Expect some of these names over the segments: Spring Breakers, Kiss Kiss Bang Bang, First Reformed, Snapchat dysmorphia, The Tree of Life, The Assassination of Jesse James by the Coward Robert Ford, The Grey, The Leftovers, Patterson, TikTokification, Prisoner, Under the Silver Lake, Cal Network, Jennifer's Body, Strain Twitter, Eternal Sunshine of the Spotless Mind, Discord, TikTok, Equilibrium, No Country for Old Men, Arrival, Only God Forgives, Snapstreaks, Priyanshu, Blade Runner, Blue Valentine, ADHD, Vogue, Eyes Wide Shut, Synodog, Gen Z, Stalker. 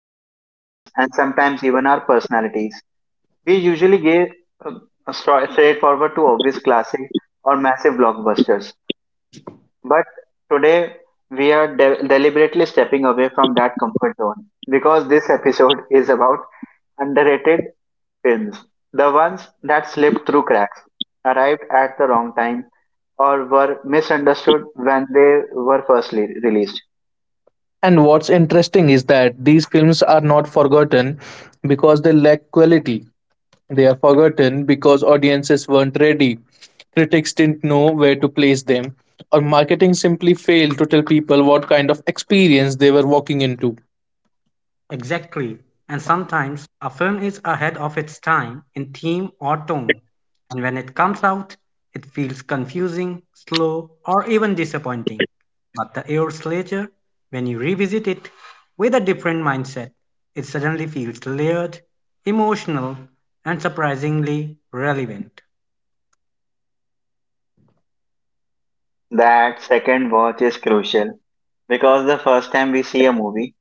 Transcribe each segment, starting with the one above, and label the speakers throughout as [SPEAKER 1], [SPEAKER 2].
[SPEAKER 1] our opinions, and sometimes even our personalities, we usually give uh, a straightforward to obvious classic or massive blockbusters. But today, we are deliberately stepping away from that comfort zone because this episode is about underrated films, the ones that slipped through cracks, arrived at the wrong time, or were misunderstood when they were first released.
[SPEAKER 2] And what's interesting is that these films are not forgotten because they lack quality. They are forgotten because audiences weren't ready, critics didn't know where to place them, or marketing simply failed to tell people what kind of experience they were walking into.
[SPEAKER 3] Exactly. And sometimes a film is ahead of its time in theme or tone, and when it comes out, it feels confusing, slow, or even disappointing. But the years later, when you revisit it with a different mindset, it suddenly feels layered, emotional, and surprisingly relevant.
[SPEAKER 1] That second watch is crucial because the first time we see a movie,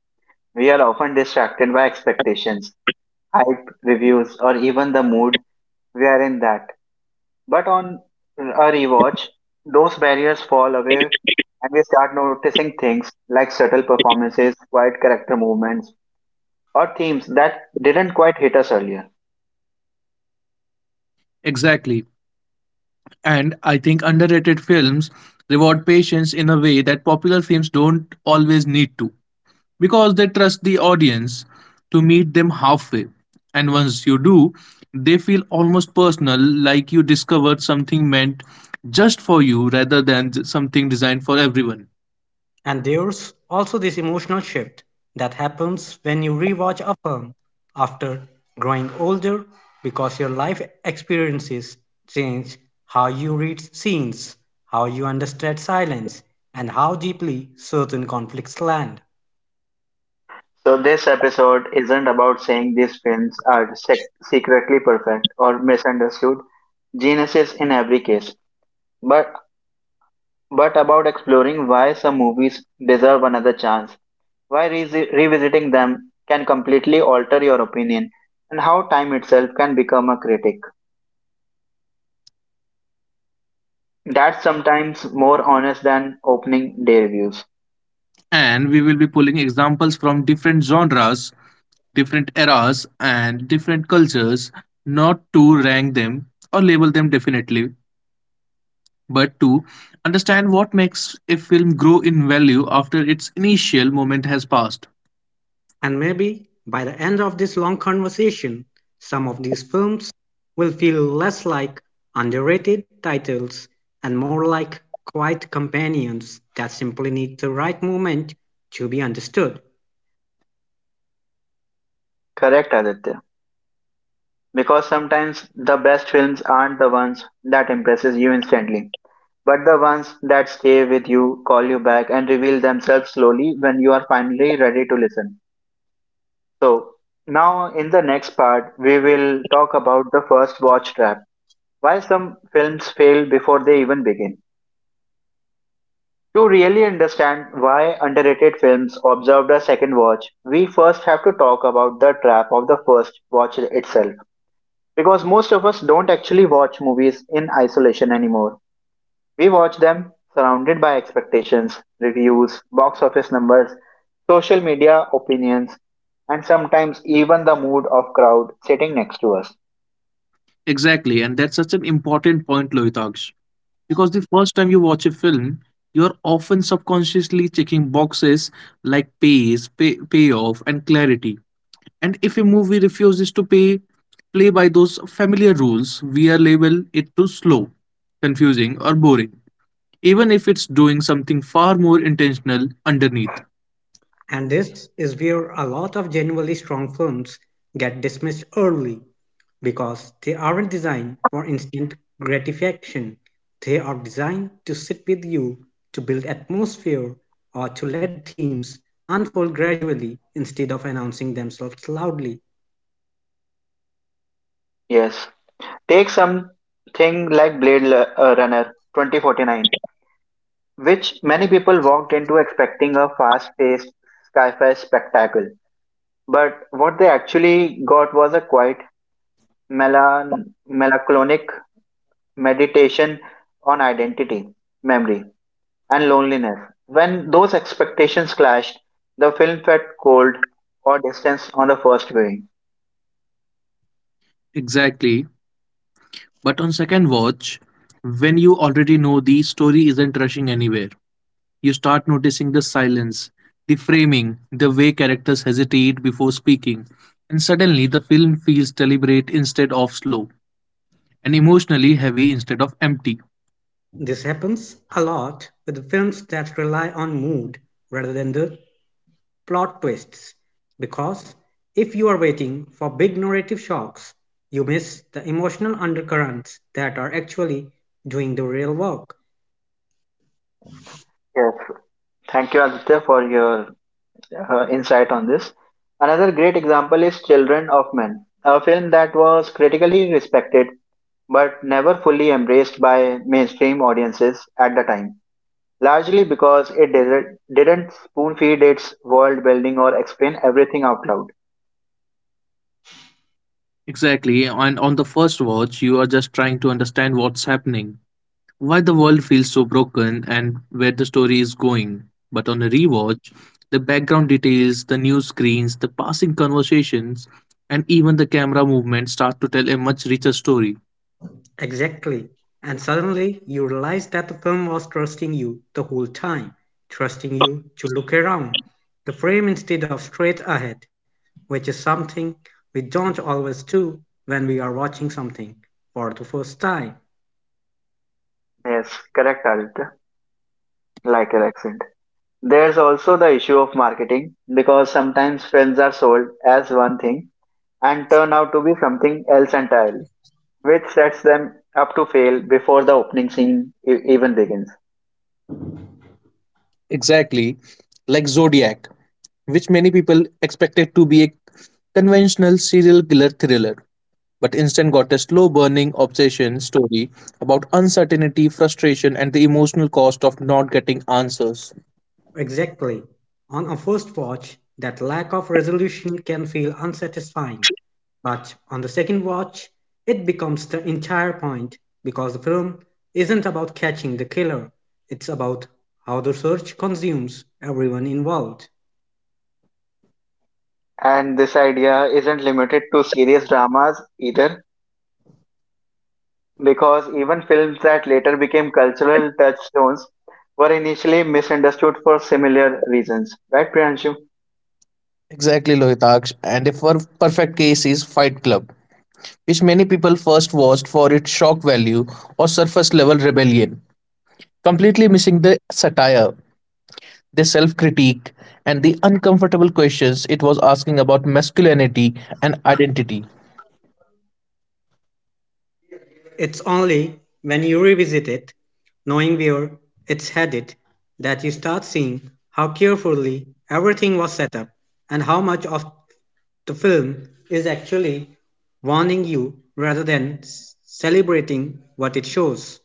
[SPEAKER 1] we are often distracted by expectations, hype, reviews, or even the mood we are in that. But on a rewatch, those barriers fall away and we start noticing things like subtle performances, quiet character movements, or themes that didn't quite hit us earlier.
[SPEAKER 2] Exactly. And I think underrated films reward patience in a way that popular films don't always need to, because they trust the audience to meet them halfway. And once you do, they feel almost personal, like you discovered something meant just for you rather than something designed for everyone.
[SPEAKER 3] And there's also this emotional shift that happens when you rewatch a film after growing older because your life experiences change how you read scenes, how you understand silence, and how deeply certain conflicts land.
[SPEAKER 1] So, this episode isn't about saying these films are secretly perfect or misunderstood. Genius is in every case. But but about exploring why some movies deserve another chance, why revisiting them can completely alter your opinion, and how time itself can become a critic. That's sometimes more honest than opening day reviews.
[SPEAKER 2] And we will be pulling examples from different genres, different eras, and different cultures, not to rank them or label them definitely, but to understand what makes a film grow in value after its initial moment has passed.
[SPEAKER 3] And maybe by the end of this long conversation, some of these films will feel less like underrated titles and more like quiet companions that simply need the right moment to be understood.
[SPEAKER 1] Correct, Aditya. Because sometimes the best films aren't the ones that impresses you instantly, but the ones that stay with you, call you back, and reveal themselves slowly when you are finally ready to listen. So, now in the next part, we will talk about the first watch trap. Why some films fail before they even begin. To really understand why underrated films observed a second watch, we first have to talk about the trap of the first watch itself. Because most of us don't actually watch movies in isolation anymore. We watch them surrounded by expectations, reviews, box office numbers, social media opinions, and sometimes even the mood of crowd sitting next to us.
[SPEAKER 2] Exactly, and that's such an important point, Lohitaksh. Because the first time you watch a film, you're often subconsciously checking boxes like pace, payoff, and clarity. And if a movie refuses to play by those familiar rules, we are label it too slow, confusing, or boring, even if it's doing something far more intentional underneath.
[SPEAKER 3] And this is where a lot of genuinely strong films get dismissed early because they aren't designed for instant gratification. They are designed to sit with you, to build atmosphere, or to let themes unfold gradually instead of announcing themselves loudly.
[SPEAKER 1] Yes. Take something like Runner 2049, which many people walked into expecting a fast paced sci fi spectacle. But what they actually got was a quiet, melancholic meditation on identity, memory, and loneliness. When those expectations clashed, the film felt cold or distant on the first viewing.
[SPEAKER 2] Exactly, but on second watch, when you already know the story isn't rushing anywhere, you start noticing the silence, the framing, the way characters hesitate before speaking, and suddenly the film feels deliberate instead of slow, and emotionally heavy instead of empty.
[SPEAKER 3] This happens a lot with films that rely on mood rather than the plot twists because if you are waiting for big narrative shocks, you miss the emotional undercurrents that are actually doing the real work.
[SPEAKER 1] Yes. Thank you, Aditya, for your insight on this. Another great example is Children of Men, a film that was critically respected but never fully embraced by mainstream audiences at the time, largely because it didn't spoon feed its world building or explain everything out loud.
[SPEAKER 2] Exactly, and on the first watch, you are just trying to understand what's happening, why the world feels so broken, and where the story is going. But on a rewatch, the background details, the news screens, the passing conversations, and even the camera movement start to tell a much richer story.
[SPEAKER 3] Exactly. And suddenly you realize that the film was trusting you the whole time, trusting you to look around the frame instead of straight ahead, which is something we don't always do when we are watching something for the first time.
[SPEAKER 1] Yes, correct, Aditya. Like your accent. There's also the issue of marketing because sometimes films are sold as one thing and turn out to be something else entirely, which sets them up to fail before the opening scene even begins.
[SPEAKER 2] Exactly, like Zodiac, which many people expected to be a conventional serial killer thriller, but instead got a slow burning obsession story about uncertainty, frustration, and the emotional cost of not getting answers.
[SPEAKER 3] Exactly. On a first watch, that lack of resolution can feel unsatisfying, but on the second watch, it becomes the entire point because the film isn't about catching the killer, it's about how the search consumes everyone involved.
[SPEAKER 1] And this idea isn't limited to serious dramas either, because even films that later became cultural touchstones were initially misunderstood for similar reasons. Right, Priyanshu?
[SPEAKER 2] Exactly, Lohitaksh. And a perfect case is Fight Club, which many people first watched for its shock value or surface level rebellion, completely missing the satire, the self critique, and the uncomfortable questions it was asking about masculinity and identity.
[SPEAKER 3] It's only when you revisit it, knowing where it's headed, that you start seeing how carefully everything was set up and how much of the film is actually warning you rather than celebrating what it shows.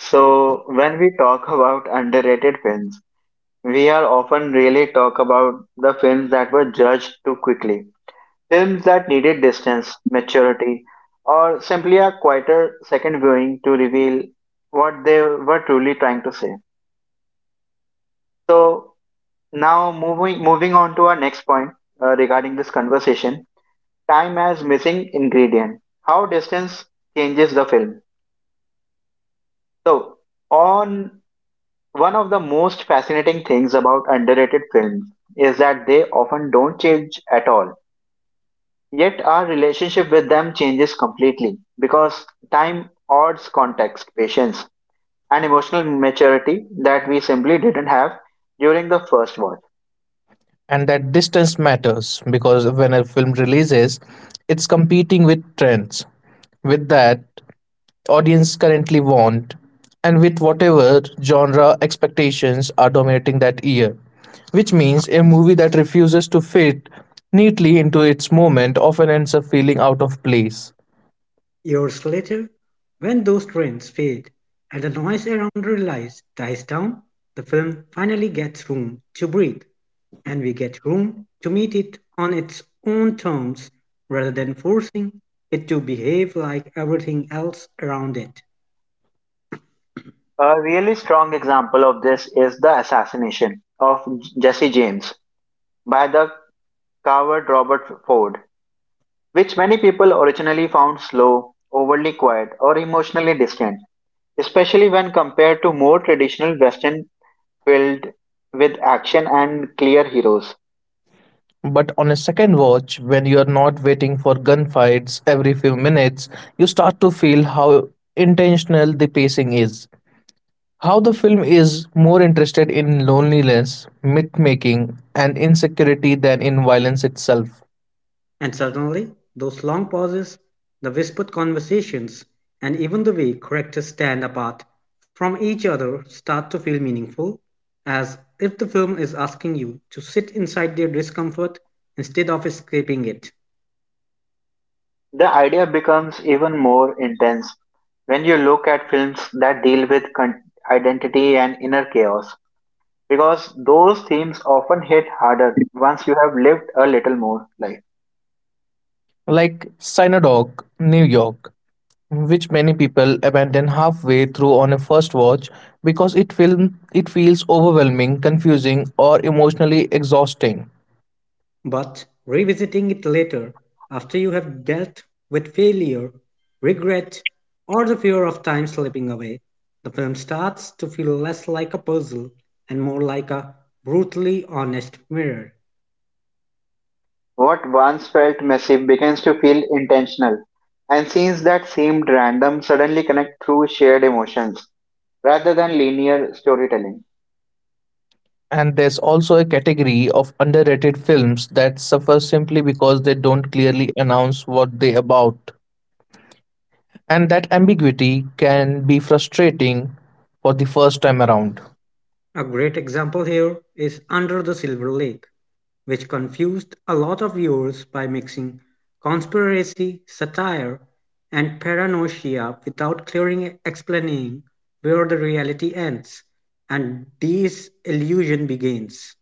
[SPEAKER 1] So, when we talk about underrated films, we are often really talk about the films that were judged too quickly. Films that needed distance, maturity, or simply a quieter second viewing to reveal what they were truly trying to say. So now moving on to our next point regarding this conversation, time as missing ingredient. How distance changes the film. So on one of the most fascinating things about underrated films is that they often don't change at all. Yet our relationship with them changes completely because time adds context, patience, and emotional maturity that we simply didn't have during the first watch.
[SPEAKER 2] And that distance matters because when a film releases, it's competing with trends, with that audience currently want, and with whatever genre expectations are dominating that year. Which means a movie that refuses to fit neatly into its moment often ends up feeling out of place.
[SPEAKER 3] Years later, when those trends fade and the noise around realize dies down, the film finally gets room to breathe, and we get room to meet it on its own terms rather than forcing it to behave like everything else around it.
[SPEAKER 1] A really strong example of this is the assassination of Jesse James by the coward Robert Ford, which many people originally found slow, overly quiet, or emotionally distant, especially when compared to more traditional Western filled with action and clear heroes.
[SPEAKER 2] But on a second watch, when you're not waiting for gunfights every few minutes, you start to feel how intentional the pacing is. How the film is more interested in loneliness, myth making, and insecurity than in violence itself.
[SPEAKER 3] And suddenly, those long pauses, the whispered conversations, and even the way characters stand apart from each other start to feel meaningful, as if the film is asking you to sit inside their discomfort instead of escaping it.
[SPEAKER 1] The idea becomes even more intense when you look at films that deal with identity and inner chaos, because those themes often hit harder once you have lived a little more life.
[SPEAKER 2] Like Synodog, New York, which many people abandon halfway through on a first watch because it feels overwhelming, confusing, or emotionally exhausting.
[SPEAKER 3] But revisiting it later, after you have dealt with failure, regret, or the fear of time slipping away, the film starts to feel less like a puzzle and more like a brutally honest mirror.
[SPEAKER 1] What once felt messy begins to feel intentional, and scenes that seemed random suddenly connect through shared emotions rather than linear storytelling.
[SPEAKER 2] And there's also a category of underrated films that suffer simply because they don't clearly announce what they about. And that ambiguity can be frustrating for the first time around.
[SPEAKER 3] A great example here is Under the Silver Lake, which confused a lot of viewers by mixing conspiracy, satire, and paranoia without clearly explaining where the reality ends and disillusion begins.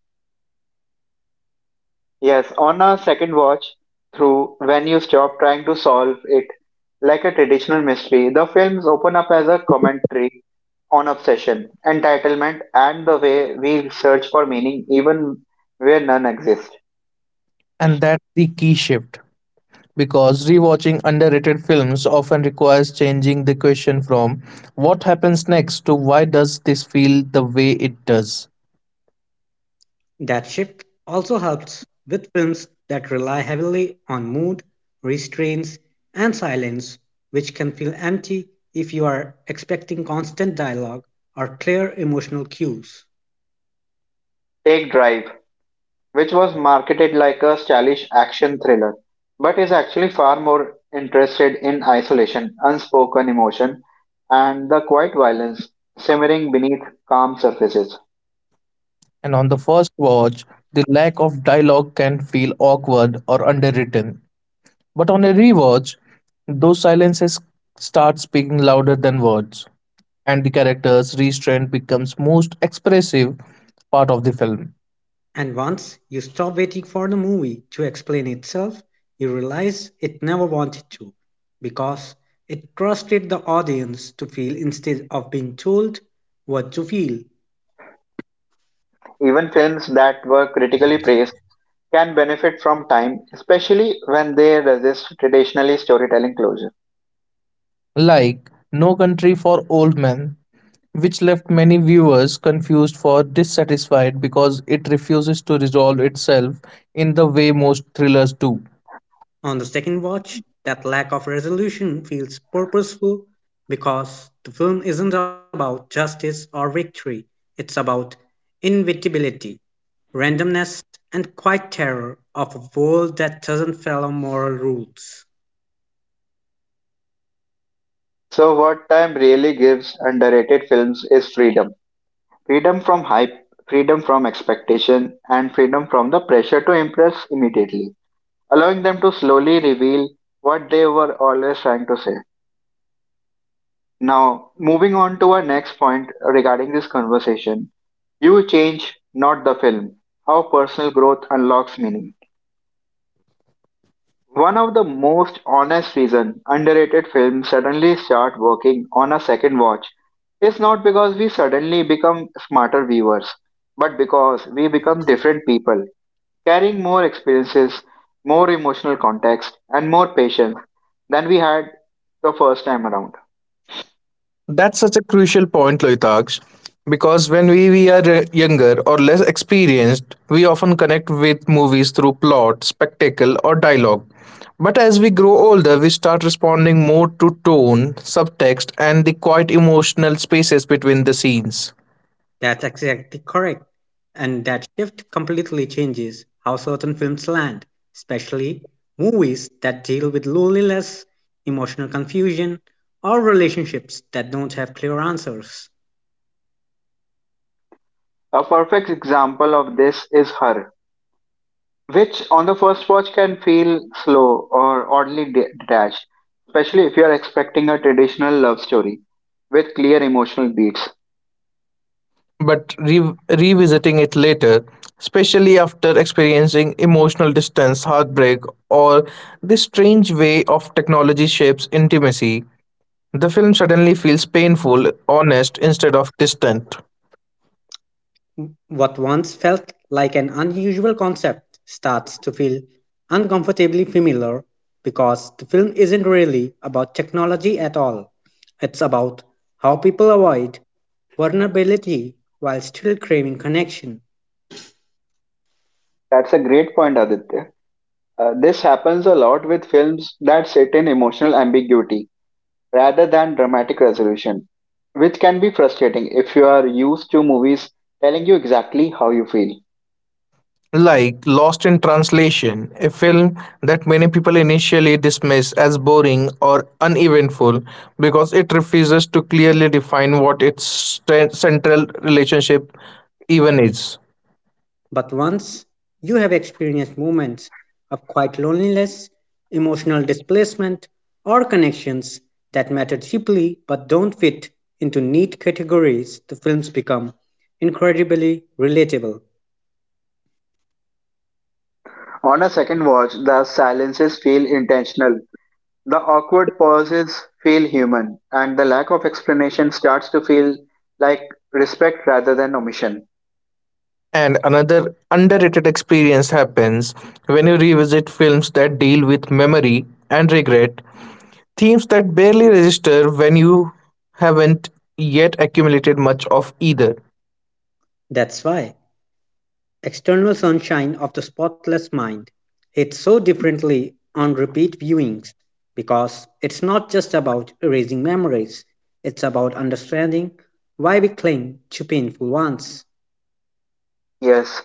[SPEAKER 1] Yes, on a second watch through, when you stop trying to solve it like a traditional mystery, the films open up as a commentary on obsession, entitlement, and the way we search for meaning even where none exists.
[SPEAKER 2] And that's the key shift because rewatching underrated films often requires changing the question from what happens next to why does this feel the way it does.
[SPEAKER 3] That shift also helps with films that rely heavily on mood, restraints, and silence, which can feel empty if you are expecting constant dialogue or clear emotional cues.
[SPEAKER 1] Take Drive, which was marketed like a stylish action thriller, but is actually far more interested in isolation, unspoken emotion, and the quiet violence simmering beneath calm surfaces.
[SPEAKER 2] And on the first watch, the lack of dialogue can feel awkward or underwritten. But on a rewatch, those silences start speaking louder than words, and the character's restraint becomes most expressive part of the film.
[SPEAKER 3] And once you stop waiting for the movie to explain itself, you realize it never wanted to, because it trusted the audience to feel instead of being told what to feel.
[SPEAKER 1] Even films that were critically praised can benefit from time, especially when they resist traditionally storytelling closure.
[SPEAKER 2] Like No Country for Old Men, which left many viewers confused for dissatisfied because it refuses to resolve itself in the way most thrillers do.
[SPEAKER 3] On the second watch, that lack of resolution feels purposeful because the film isn't about justice or victory, it's about inevitability, randomness, and quiet terror of a world that doesn't follow moral rules.
[SPEAKER 1] So, what time really gives underrated films is freedom, freedom from hype, freedom from expectation, and freedom from the pressure to impress immediately, allowing them to slowly reveal what they were always trying to say. Now, moving on to our next point regarding this conversation, you change, not the film. How personal growth unlocks meaning. One of the most honest reason underrated films suddenly start working on a second watch is not because we suddenly become smarter viewers, but because we become different people, carrying more experiences, more emotional context, and more patience than we had the first time around.
[SPEAKER 2] That's such a crucial point, Loitaksh, because when we are younger or less experienced, we often connect with movies through plot, spectacle, or dialogue. But as we grow older, we start responding more to tone, subtext, and the quiet emotional spaces between the scenes.
[SPEAKER 3] That's exactly correct. And that shift completely changes how certain films land, especially movies that deal with loneliness, emotional confusion, or relationships that don't have clear answers.
[SPEAKER 1] A perfect example of this is Her, which on the first watch can feel slow or oddly detached, especially if you are expecting a traditional love story with clear emotional beats.
[SPEAKER 2] But revisiting it later, especially after experiencing emotional distance, heartbreak, or the strange way of technology shapes intimacy, the film suddenly feels painful, honest instead of distant.
[SPEAKER 3] What once felt like an unusual concept starts to feel uncomfortably familiar because the film isn't really about technology at all. It's about how people avoid vulnerability while still craving connection.
[SPEAKER 1] That's a great point, Aditya. This happens a lot with films that sit in emotional ambiguity rather than dramatic resolution, which can be frustrating if you are used to movies telling you exactly how you feel.
[SPEAKER 2] Like Lost in Translation, a film that many people initially dismiss as boring or uneventful because it refuses to clearly define what its central relationship even is.
[SPEAKER 3] But once you have experienced moments of quiet loneliness, emotional displacement, or connections that matter deeply but don't fit into neat categories, the films become incredibly relatable.
[SPEAKER 1] On a second watch, the silences feel intentional. The awkward pauses feel human, and the lack of explanation starts to feel like respect rather than omission.
[SPEAKER 2] And another underrated experience happens when you revisit films that deal with memory and regret, themes that barely register when you haven't yet accumulated much of either.
[SPEAKER 3] That's why External Sunshine of the Spotless Mind hits so differently on repeat viewings because it's not just about erasing memories, it's about understanding why we cling to painful ones.
[SPEAKER 1] Yes,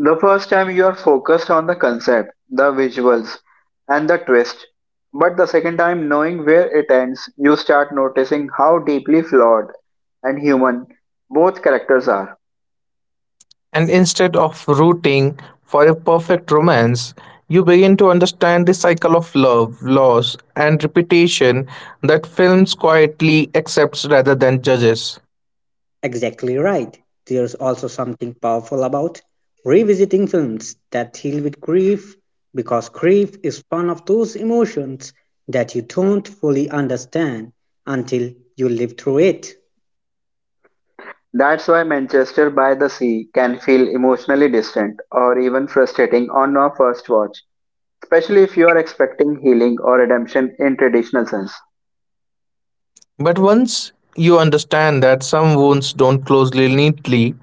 [SPEAKER 1] the first time you are focused on the concept, the visuals, and the twist. But the second time, knowing where it ends, you start noticing how deeply flawed and human both characters are.
[SPEAKER 2] And instead of rooting for a perfect romance, you begin to understand the cycle of love, loss, and repetition that films quietly accepts rather than judges.
[SPEAKER 3] Exactly right. There's also something powerful about revisiting films that deal with grief because grief is one of those emotions that you don't fully understand until you live through it.
[SPEAKER 1] That's why Manchester by the Sea can feel emotionally distant or even frustrating on our first watch, especially if you are expecting healing or redemption in traditional sense.
[SPEAKER 2] But once you understand that some wounds don't close neatly,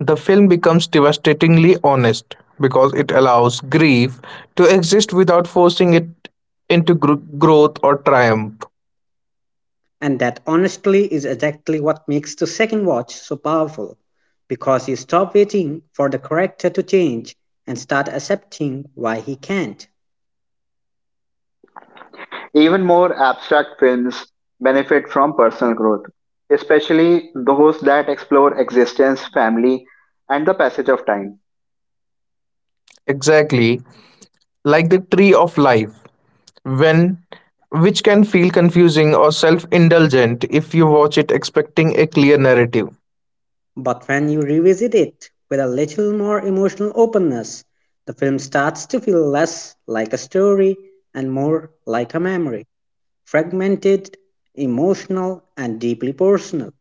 [SPEAKER 2] the film becomes devastatingly honest because it allows grief to exist without forcing it into growth or triumph.
[SPEAKER 3] And that honestly is exactly what makes the second watch so powerful because you stop waiting for the character to change and start accepting why he can't.
[SPEAKER 1] Even more abstract films benefit from personal growth, especially those that explore existence, family, and the passage of time.
[SPEAKER 2] Exactly, like the tree of life, when which can feel confusing or self-indulgent if you watch it expecting a clear narrative.
[SPEAKER 3] But when you revisit it with a little more emotional openness, the film starts to feel less like a story and more like a memory, fragmented, emotional, and deeply personal.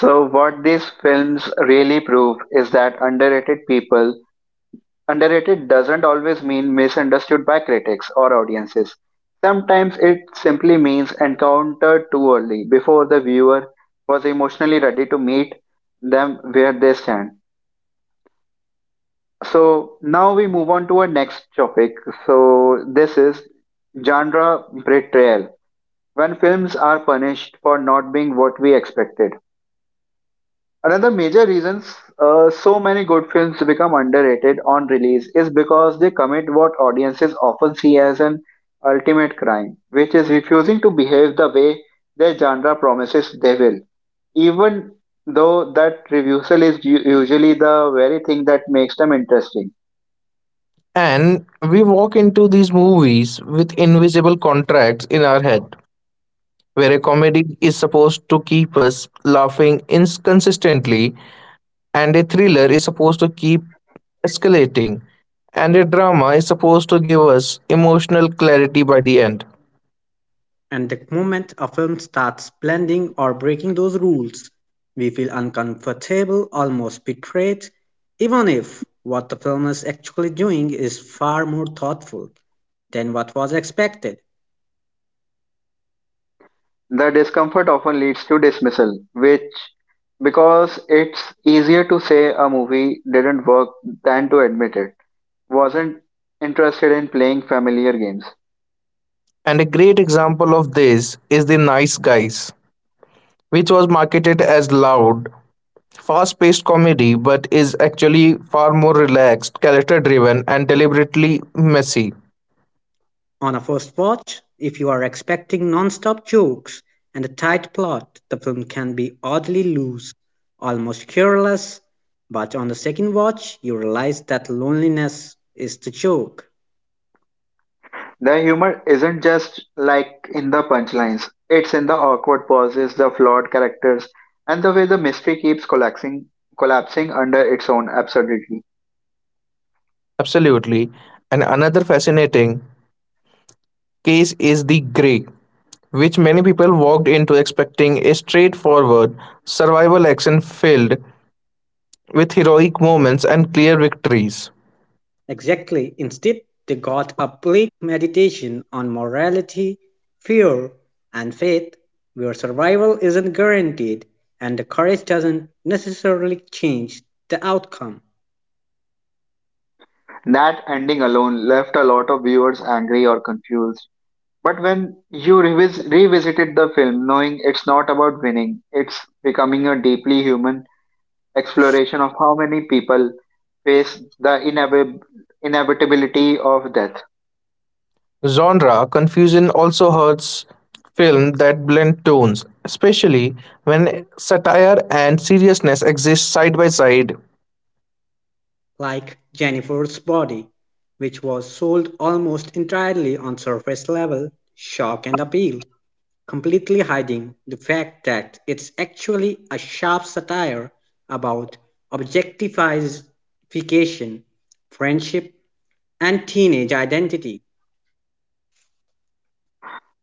[SPEAKER 1] So what these films really prove is that underrated doesn't always mean misunderstood by critics or audiences. Sometimes it simply means encountered too early before the viewer was emotionally ready to meet them where they stand. So now we move on to our next topic. So this is genre betrayal when films are punished for not being what we expected. Another major reasons so many good films become underrated on release is because they commit what audiences often see as an ultimate crime, which is refusing to behave the way their genre promises they will, even though that refusal is usually the very thing that makes them interesting.
[SPEAKER 2] And we walk into these movies with invisible contracts in our head, where a comedy is supposed to keep us laughing inconsistently and a thriller is supposed to keep escalating, and a drama is supposed to give us emotional clarity by the end.
[SPEAKER 3] And the moment a film starts blending or breaking those rules, we feel uncomfortable, almost betrayed, even if what the film is actually doing is far more thoughtful than what was expected.
[SPEAKER 1] The discomfort often leads to dismissal, which, because it's easier to say a movie didn't work than to admit it, wasn't interested in playing familiar games.
[SPEAKER 2] And a great example of this is The Nice Guys, which was marketed as loud fast paced comedy, but is actually far more relaxed, character driven, and deliberately messy.
[SPEAKER 3] On a first watch, if you are expecting non-stop jokes and a tight plot, the film can be oddly loose, almost careless, but on the second watch, you realize that loneliness is the joke.
[SPEAKER 1] The humor isn't just like in the punchlines, it's in the awkward pauses, the flawed characters, and the way the mystery keeps collapsing under its own absurdity.
[SPEAKER 2] Absolutely. And another fascinating case is The Grey, which many people walked into expecting a straightforward survival action filled with heroic moments and clear victories.
[SPEAKER 3] Exactly. Instead, they got a bleak meditation on morality, fear, and faith, where survival isn't guaranteed and the courage doesn't necessarily change the outcome.
[SPEAKER 1] That ending alone left a lot of viewers angry or confused. But when you revisited the film, knowing it's not about winning, it's becoming a deeply human exploration of how many people face the inevitability of death.
[SPEAKER 2] Genre confusion also hurts films that blend tones, especially when satire and seriousness exist side by side,
[SPEAKER 3] Like Jennifer's Body, which was sold almost entirely on surface level shock and appeal, completely hiding the fact that it's actually a sharp satire about objectification, friendship, and teenage identity.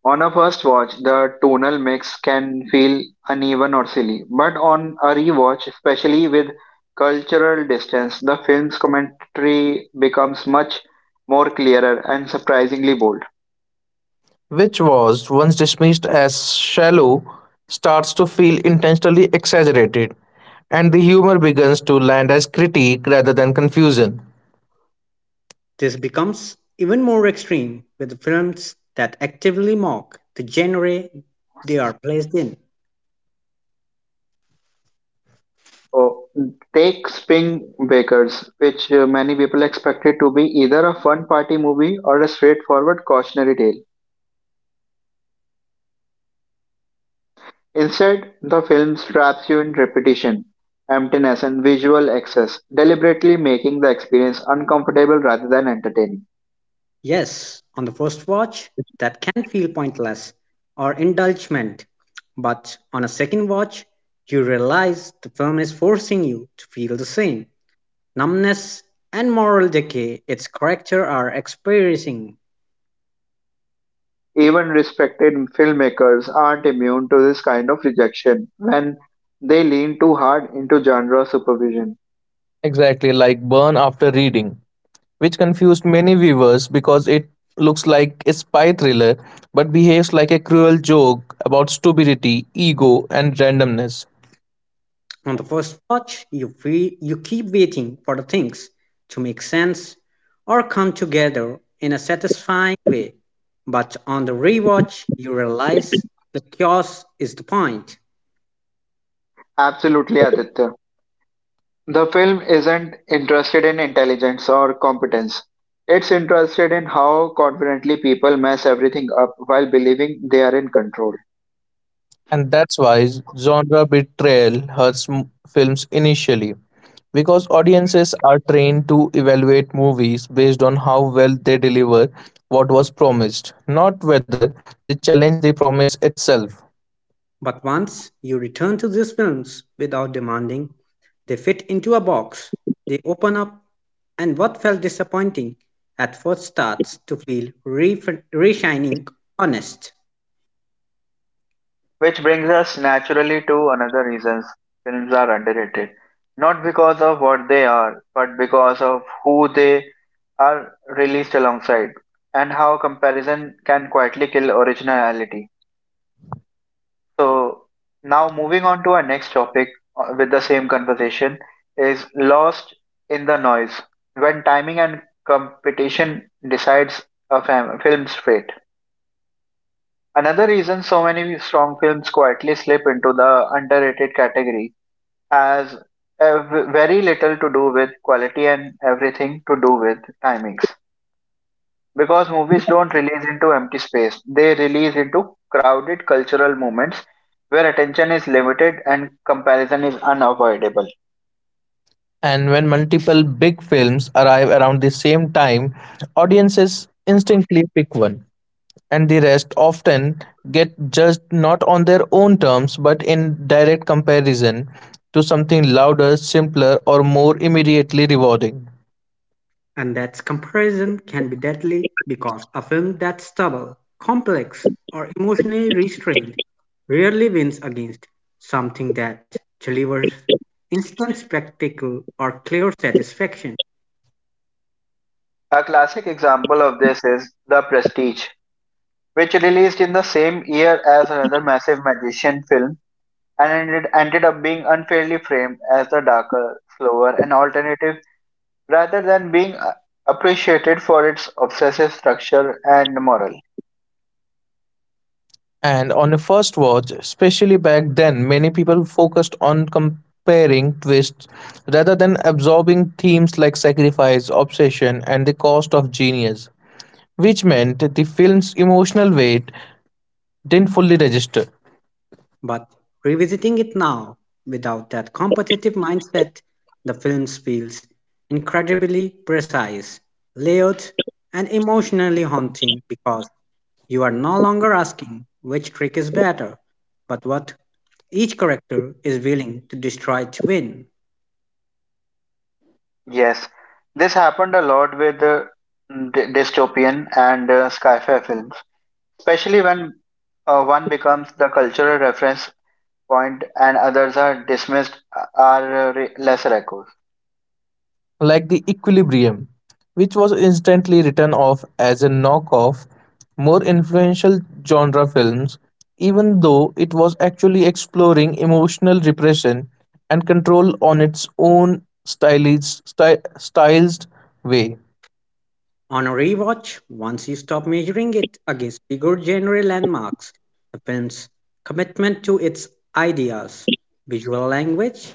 [SPEAKER 1] On a first watch, the tonal mix can feel uneven or silly, but on a rewatch, especially with cultural distance, the film's commentary becomes much more clearer and surprisingly bold.
[SPEAKER 2] which was once dismissed as shallow, starts to feel intentionally exaggerated, and the humor begins to land as critique rather than confusion.
[SPEAKER 3] This becomes even more extreme with films that actively mock the genre they are placed in.
[SPEAKER 1] Oh, take Spring Breakers, which many people expected to be either a fun party movie or a straightforward cautionary tale. Instead, the film traps you in repetition, emptiness, and visual excess, deliberately making the experience uncomfortable rather than entertaining.
[SPEAKER 3] Yes, on the first watch, that can feel pointless or indulgent, but on a second watch, you realize the film is forcing you to feel the same numbness and moral decay its character are experiencing.
[SPEAKER 1] Even respected filmmakers aren't immune to this kind of rejection when they lean too hard into genre supervision.
[SPEAKER 2] Exactly, like burn after reading, which confused many viewers because it looks like a spy thriller but behaves like a cruel joke about stupidity, ego, and randomness.
[SPEAKER 3] On the first watch, you feel you keep waiting for the things to make sense or come together in a satisfying way, but on the rewatch, you realize the chaos is the point.
[SPEAKER 1] Absolutely, Aditya. The film isn't interested in intelligence or competence. It's interested in how confidently people mess everything up while believing they are in control.
[SPEAKER 2] And that's why genre betrayal hurts films initially because audiences are trained to evaluate movies based on how well they deliver what was promised, not whether they challenge the promise itself.
[SPEAKER 3] But once you return to these films without demanding, they fit into a box, they open up, and what felt disappointing at first starts to feel re-shining honest.
[SPEAKER 1] Which brings us naturally to another reasons films are underrated. Not because of what they are, but because of who they are released alongside and how comparison can quietly kill originality. So now moving on to our next topic with the same conversation is lost in the noise when timing and competition decides a film's fate. Another reason so many strong films quietly slip into the underrated category has very little to do with quality and everything to do with timings, because movies don't release into empty space. They release into crowded cultural moments where attention is limited and comparison is unavoidable.
[SPEAKER 2] And when multiple big films arrive around the same time, audiences instinctively pick one and the rest often get judged not on their own terms but in direct comparison to something louder, simpler, or more immediately rewarding.
[SPEAKER 3] And that comparison can be deadly because a film that's stubborn, complex, or emotionally restrained rarely wins against something that delivers instant spectacle or clear satisfaction.
[SPEAKER 1] A classic example of this is The Prestige, which released in the same year as another massive magician film and ended up being unfairly framed as the darker, slower and alternative rather than being appreciated for its obsessive structure and moral.
[SPEAKER 2] And on a first watch, especially back then, many people focused on comparing twists rather than absorbing themes like sacrifice, obsession, and the cost of genius, which meant the film's emotional weight didn't fully register.
[SPEAKER 3] But revisiting it now, without that competitive mindset, the film feels incredibly precise, layered, and emotionally haunting because you are no longer asking which trick is better, but what each character is willing to destroy to win.
[SPEAKER 1] Yes, this happened a lot with dystopian and sci-fi films, especially when one becomes the cultural reference point and others are dismissed are re- lesser echoes.
[SPEAKER 2] Like the Equilibrium, which was instantly written off as a knockoff, more influential genre films, even though it was actually exploring emotional repression and control on its own stylized way.
[SPEAKER 3] On a rewatch, once you stop measuring it against bigger genre landmarks, the film's commitment to its ideas, visual language,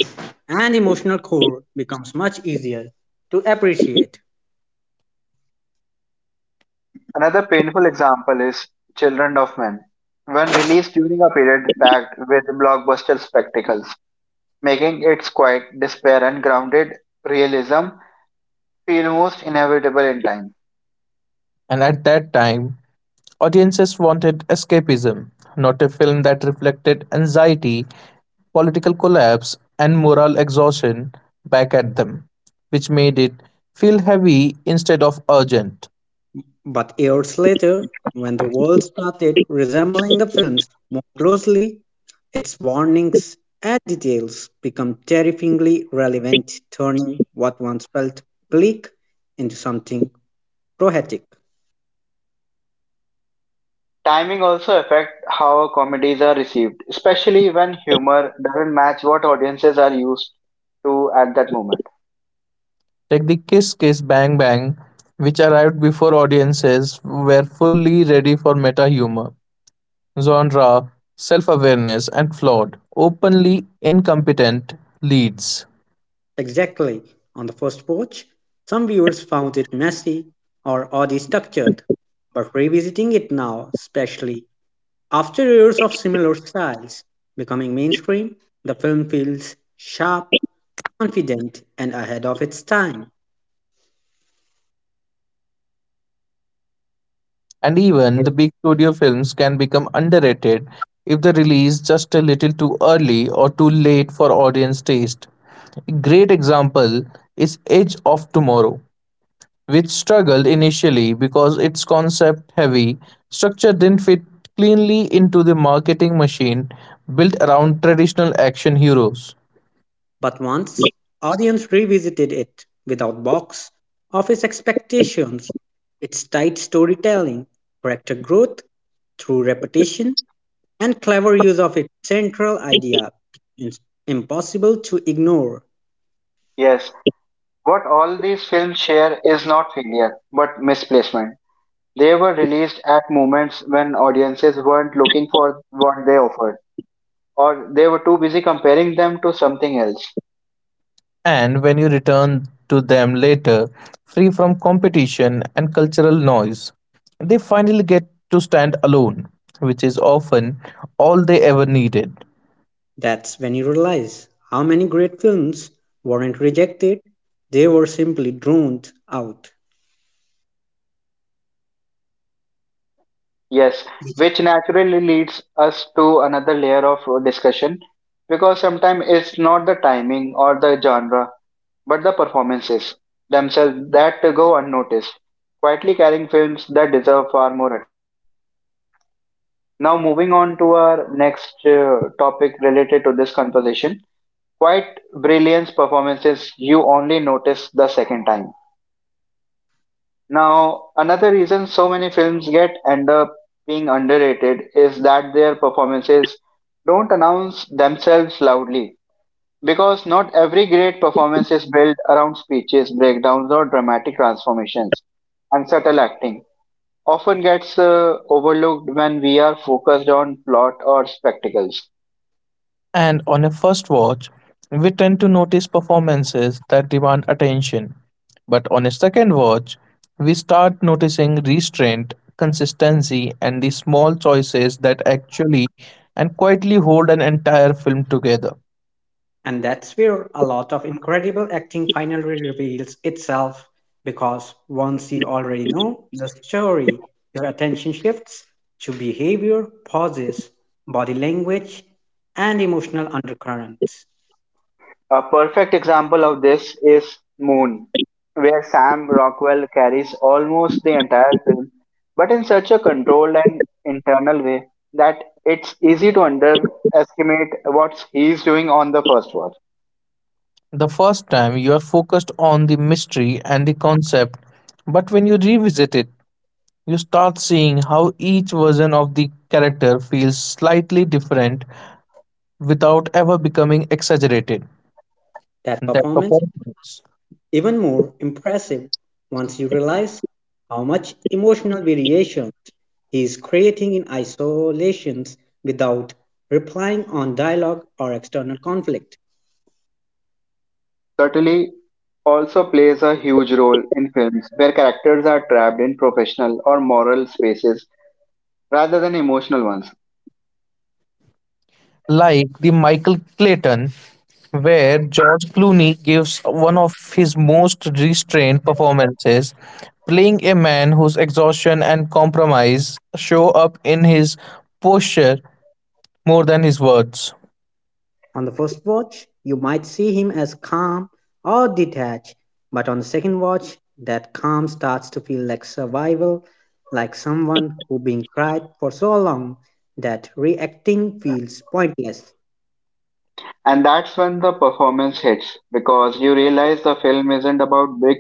[SPEAKER 3] and emotional core becomes much easier to appreciate.
[SPEAKER 1] Another painful example is Children of Men, when released during a period packed with blockbuster spectacles, making its quiet despair and grounded realism feel most inevitable in time.
[SPEAKER 2] And at that time, audiences wanted escapism, not a film that reflected anxiety, political collapse, and moral exhaustion back at them, which made it feel heavy instead of urgent.
[SPEAKER 3] But years later, when the world started resembling the films more closely, its warnings and details become terrifyingly relevant, turning what once felt bleak into something poetic.
[SPEAKER 1] Timing also affects how comedies are received, especially when humor doesn't match what audiences are used to at that moment.
[SPEAKER 2] Take the Kiss Kiss Bang Bang, which arrived before audiences were fully ready for meta humor, genre, self awareness, and flawed, openly incompetent leads.
[SPEAKER 3] Exactly. On the first watch, some viewers found it messy or oddly structured, but revisiting it now, especially after years of similar styles becoming mainstream, the film feels sharp, confident, and ahead of its time.
[SPEAKER 2] And even
[SPEAKER 1] Yes.
[SPEAKER 2] the big studio films can become underrated if they release just a little too early or too late for audience taste. A great example is Edge of Tomorrow, which struggled initially because its concept heavy structure didn't fit cleanly into the marketing machine built around traditional action heroes.
[SPEAKER 3] But once audience revisited it without box office expectations, its tight storytelling, character growth, through repetition and clever use of its central idea is impossible to ignore.
[SPEAKER 1] Yes. What all these films share is not failure, but misplacement. They were released at moments when audiences weren't looking for what they offered, or they were too busy comparing them to something else.
[SPEAKER 2] And when you return to them later, free from competition and cultural noise, they finally get to stand alone, which is often all they ever needed.
[SPEAKER 3] That's when you realize how many great films weren't rejected, they were simply drowned out.
[SPEAKER 1] Yes, which naturally leads us to another layer of discussion, because sometimes it's not the timing or the genre but the performances themselves that go unnoticed, quietly carrying films that deserve far more attention. Now, moving on to our next topic related to this conversation: quite brilliant performances you only notice the second time. Now, another reason so many films get end up being underrated is that their performances don't announce themselves loudly. Because not every great performance is built around speeches, breakdowns, or dramatic transformations, and subtle acting often gets overlooked when we are focused on plot or spectacles.
[SPEAKER 2] And on a first watch, we tend to notice performances that demand attention. But on a second watch, we start noticing restraint, consistency, and the small choices that actually and quietly hold an entire film together.
[SPEAKER 3] And that's where a lot of incredible acting finally reveals itself because once you already know the story, your attention shifts to behavior, pauses, body language, and emotional undercurrents.
[SPEAKER 1] A perfect example of this is Moon, where Sam Rockwell carries almost the entire film, but in such a controlled and internal way that it's easy to underestimate what he's doing on the first watch.
[SPEAKER 2] The first time you are focused on the mystery and the concept, but when you revisit it, you start seeing how each version of the character feels slightly different without ever becoming exaggerated.
[SPEAKER 3] That
[SPEAKER 2] That
[SPEAKER 3] performance
[SPEAKER 2] performance,
[SPEAKER 3] even more impressive once you realize how much emotional variation he is creating in isolations without replying on dialogue or external conflict.
[SPEAKER 1] Certainly also plays a huge role in films where characters are trapped in professional or moral spaces rather than emotional ones.
[SPEAKER 2] like the Michael Clayton, where George Clooney gives one of his most restrained performances, playing a man whose exhaustion and compromise show up in his posture more than his words.
[SPEAKER 3] On the first watch, you might see him as calm or detached, but on the second watch, that calm starts to feel like survival, like someone who been cried for so long that reacting feels pointless.
[SPEAKER 1] And that's when the performance hits, because you realize the film isn't about big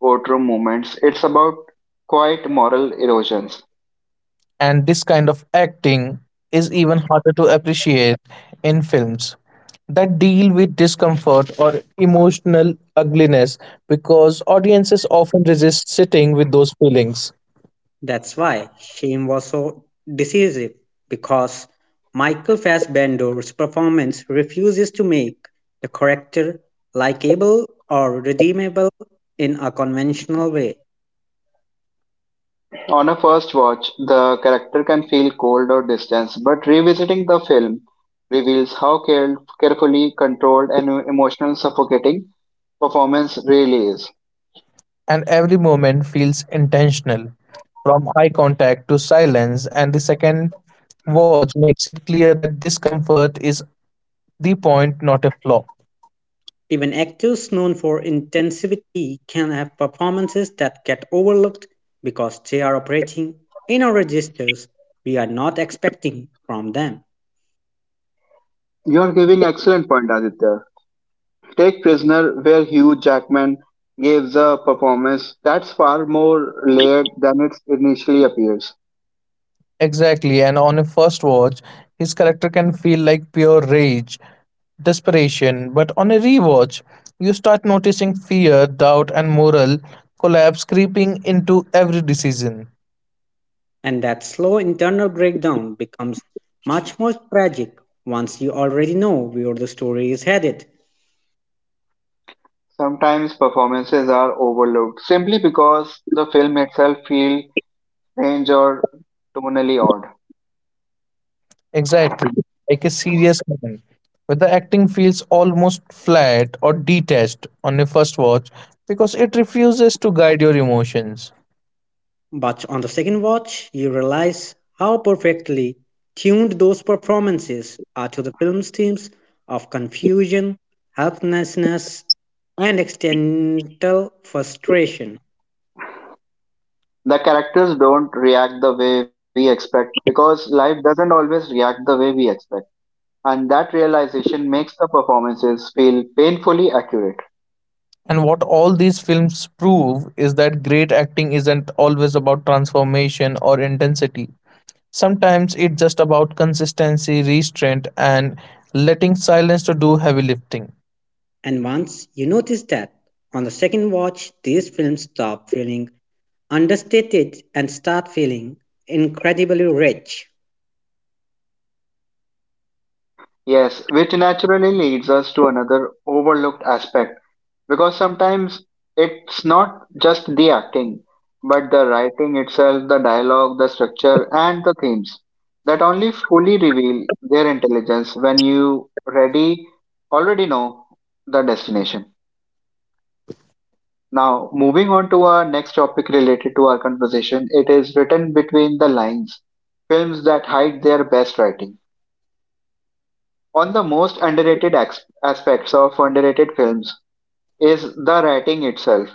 [SPEAKER 1] courtroom moments. It's about quiet moral erosions.
[SPEAKER 2] And this kind of acting is even harder to appreciate in films that deal with discomfort or emotional ugliness because audiences often resist sitting with those feelings.
[SPEAKER 3] That's why Shame was so decisive, because Michael Fassbender's performance refuses to make the character likable or redeemable in a conventional way.
[SPEAKER 1] On a first watch, the character can feel cold or distanced, but revisiting the film reveals how carefully controlled and emotional suffocating performance really is.
[SPEAKER 2] And every moment feels intentional, from eye contact to silence, and the second watch makes it clear that discomfort is the point, not a flaw.
[SPEAKER 3] Even actors known for intensity can have performances that get overlooked because they are operating in a registers we are not expecting from them.
[SPEAKER 1] You are giving excellent point, Aditya. Take Prisoner, where Hugh Jackman gives a performance that's far more layered than it initially appears.
[SPEAKER 2] Exactly, and on a first watch, his character can feel like pure rage, desperation, but on a rewatch, you start noticing fear, doubt, and moral collapse creeping into every decision.
[SPEAKER 3] And that slow internal breakdown becomes much more tragic once you already know where the story is headed.
[SPEAKER 1] Sometimes performances are overlooked simply because the film itself feels strange or tonally odd.
[SPEAKER 2] Exactly, like a serious film, where the acting feels almost flat or detached on a first watch because it refuses to guide your emotions.
[SPEAKER 3] But on the second watch, you realize how perfectly tuned those performances are to the film's themes of confusion, helplessness, and external frustration.
[SPEAKER 1] The characters don't react the way we expect because life doesn't always react the way we expect. And that realization makes the performances feel painfully accurate.
[SPEAKER 2] And what all these films prove is that great acting isn't always about transformation or intensity. Sometimes it's just about consistency, restraint, and letting silence to do heavy lifting.
[SPEAKER 3] And once you notice that, on the second watch, these films stop feeling understated and start feeling incredibly rich.
[SPEAKER 1] Yes, which naturally leads us to another overlooked aspect, because sometimes it's not just the acting but the writing itself, the dialogue, the structure and the themes, that only fully reveal their intelligence when you ready already know the destination. Now moving on to our next topic related to our conversation: it is written between the lines, films that hide their best writing. On the most underrated aspects of underrated films is the writing itself,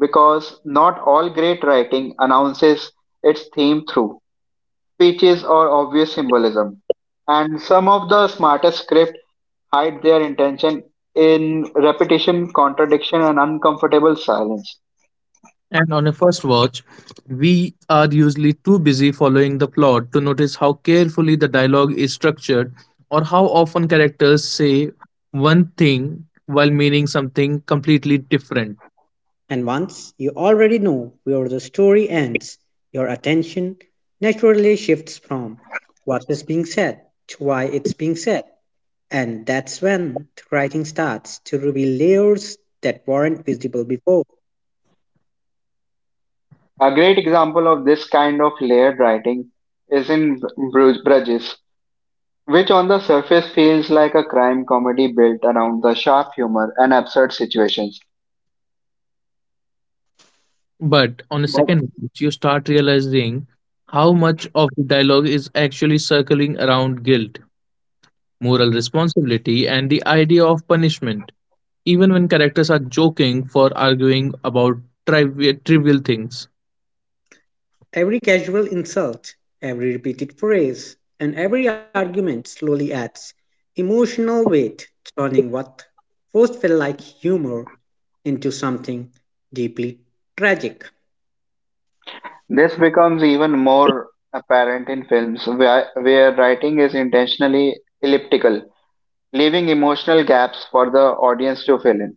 [SPEAKER 1] because not all great writing announces its theme through speeches or obvious symbolism, and some of the smartest script hide their intention in repetition, contradiction, and uncomfortable silence.
[SPEAKER 2] And on a first watch, we are usually too busy following the plot to notice how carefully the dialogue is structured or how often characters say one thing while meaning something completely different.
[SPEAKER 3] And once you already know where the story ends, your attention naturally shifts from what is being said to why it's being said. And that's when the writing starts to reveal layers that weren't visible before.
[SPEAKER 1] A great example of this kind of layered writing is in Bruges, which on the surface feels like a crime comedy built around the sharp humor and absurd situations.
[SPEAKER 2] But on a second watch, you start realizing how much of the dialogue is actually circling around guilt, moral responsibility, and the idea of punishment, even when characters are joking for arguing about trivial things.
[SPEAKER 3] Every casual insult, every repeated phrase, and every argument slowly adds emotional weight, turning what first felt like humor into something deeply tragic.
[SPEAKER 1] This becomes even more apparent in films where writing is intentionally elliptical, leaving emotional gaps for the audience to fill in.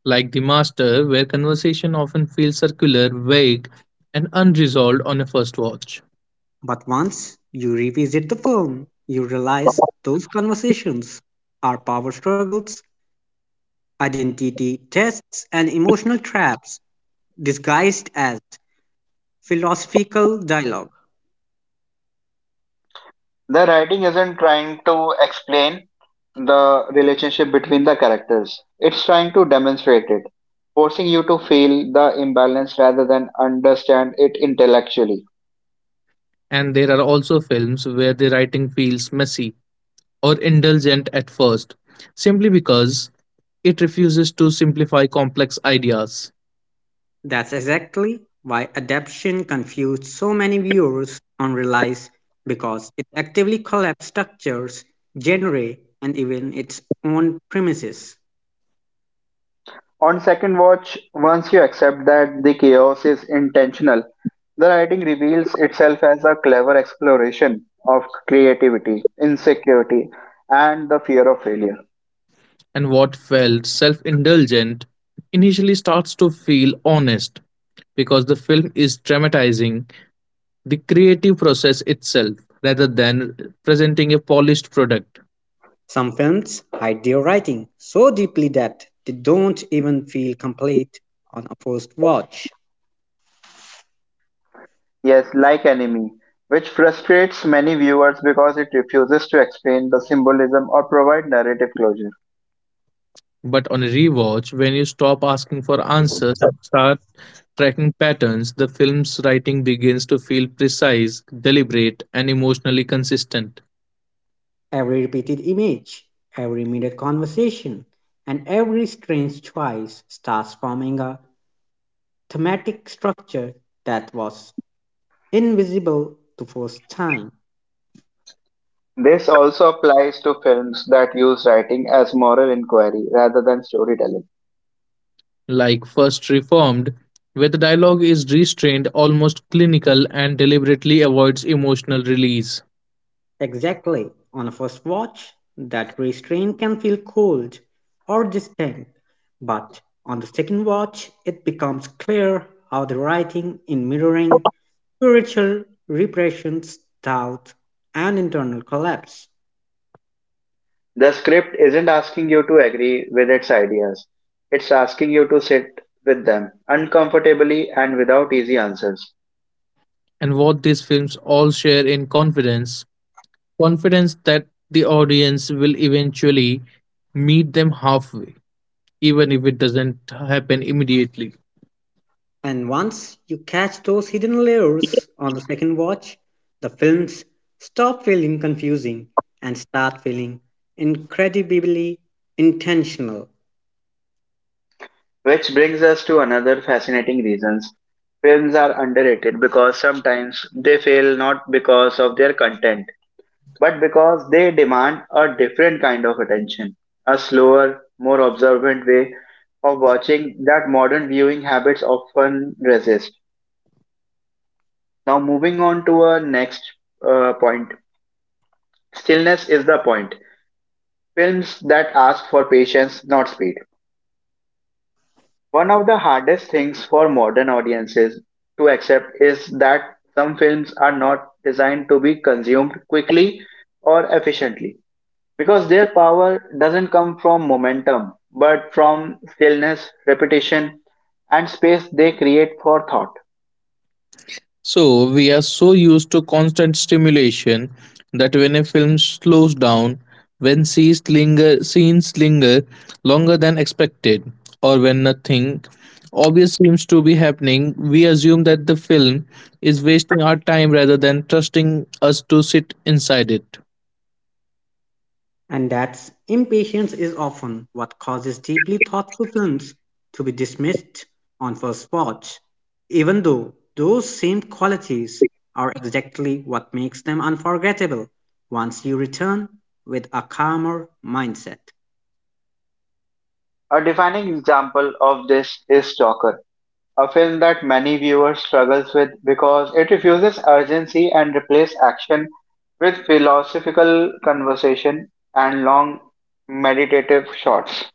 [SPEAKER 2] Like the master, where conversation often feels circular, vague, and unresolved on a first watch.
[SPEAKER 3] But once you revisit the film, you realize those conversations are power struggles, identity tests, and emotional traps disguised as philosophical dialogue.
[SPEAKER 1] The writing isn't trying to explain the relationship between the characters, it's trying to demonstrate it, forcing you to feel the imbalance rather than understand it intellectually.
[SPEAKER 2] And there are also films where the writing feels messy or indulgent at first, simply because it refuses to simplify complex ideas.
[SPEAKER 3] That's exactly why Adaptation confused so many viewers on Relies because it actively collapsed structures, genre, and even its own premises.
[SPEAKER 1] On second watch, once you accept that the chaos is intentional, the writing reveals itself as a clever exploration of creativity, insecurity, and the fear of failure.
[SPEAKER 2] And what felt self indulgent initially starts to feel honest because the film is dramatizing the creative process itself rather than presenting a polished product.
[SPEAKER 3] Some films hide their writing so deeply that they don't even feel complete on a first watch.
[SPEAKER 1] Yes, like Enemy, which frustrates many viewers because it refuses to explain the symbolism or provide narrative closure.
[SPEAKER 2] But on a rewatch, when you stop asking for answers and start tracking patterns, the film's writing begins to feel precise, deliberate, and emotionally consistent.
[SPEAKER 3] Every repeated image, every minute conversation, and every strange choice starts forming a thematic structure that was invisible the first time.
[SPEAKER 1] This also applies to films that use writing as moral inquiry rather than storytelling.
[SPEAKER 2] Like First Reformed, where the dialogue is restrained, almost clinical, and deliberately avoids emotional release.
[SPEAKER 3] Exactly. On a first watch, that restraint can feel cold or distant, but on the second watch, it becomes clear how the writing in mirroring spiritual repressions, doubt, and internal collapse.
[SPEAKER 1] The script isn't asking you to agree with its ideas. It's asking you to sit with them uncomfortably and without easy answers.
[SPEAKER 2] And what these films all share in confidence that the audience will eventually meet them halfway, even if it doesn't happen immediately.
[SPEAKER 3] And once you catch those hidden layers on the second watch, the films stop feeling confusing and start feeling incredibly intentional.
[SPEAKER 1] Which brings us to another fascinating reasons films are underrated, because sometimes they fail not because of their content but because they demand a different kind of attention, a slower, more observant way of watching that modern viewing habits often resist. Now moving on to our next point: stillness is the point. Films that ask for patience, not speed. One of the hardest things for modern audiences to accept is that some films are not designed to be consumed quickly or efficiently, because their power doesn't come from momentum but from stillness, repetition, and space they create for thought.
[SPEAKER 2] So, we are so used to constant stimulation that when a film slows down, when scenes linger longer than expected, or when nothing obvious seems to be happening, we assume that the film is wasting our time rather than trusting us to sit inside it.
[SPEAKER 3] And that's impatience is often what causes deeply thoughtful films to be dismissed on first watch, even though those same qualities are exactly what makes them unforgettable once you return with a calmer mindset.
[SPEAKER 1] A defining example of this is Stalker, a film that many viewers struggles with because it refuses urgency and replaces action with philosophical conversation and long meditative shots.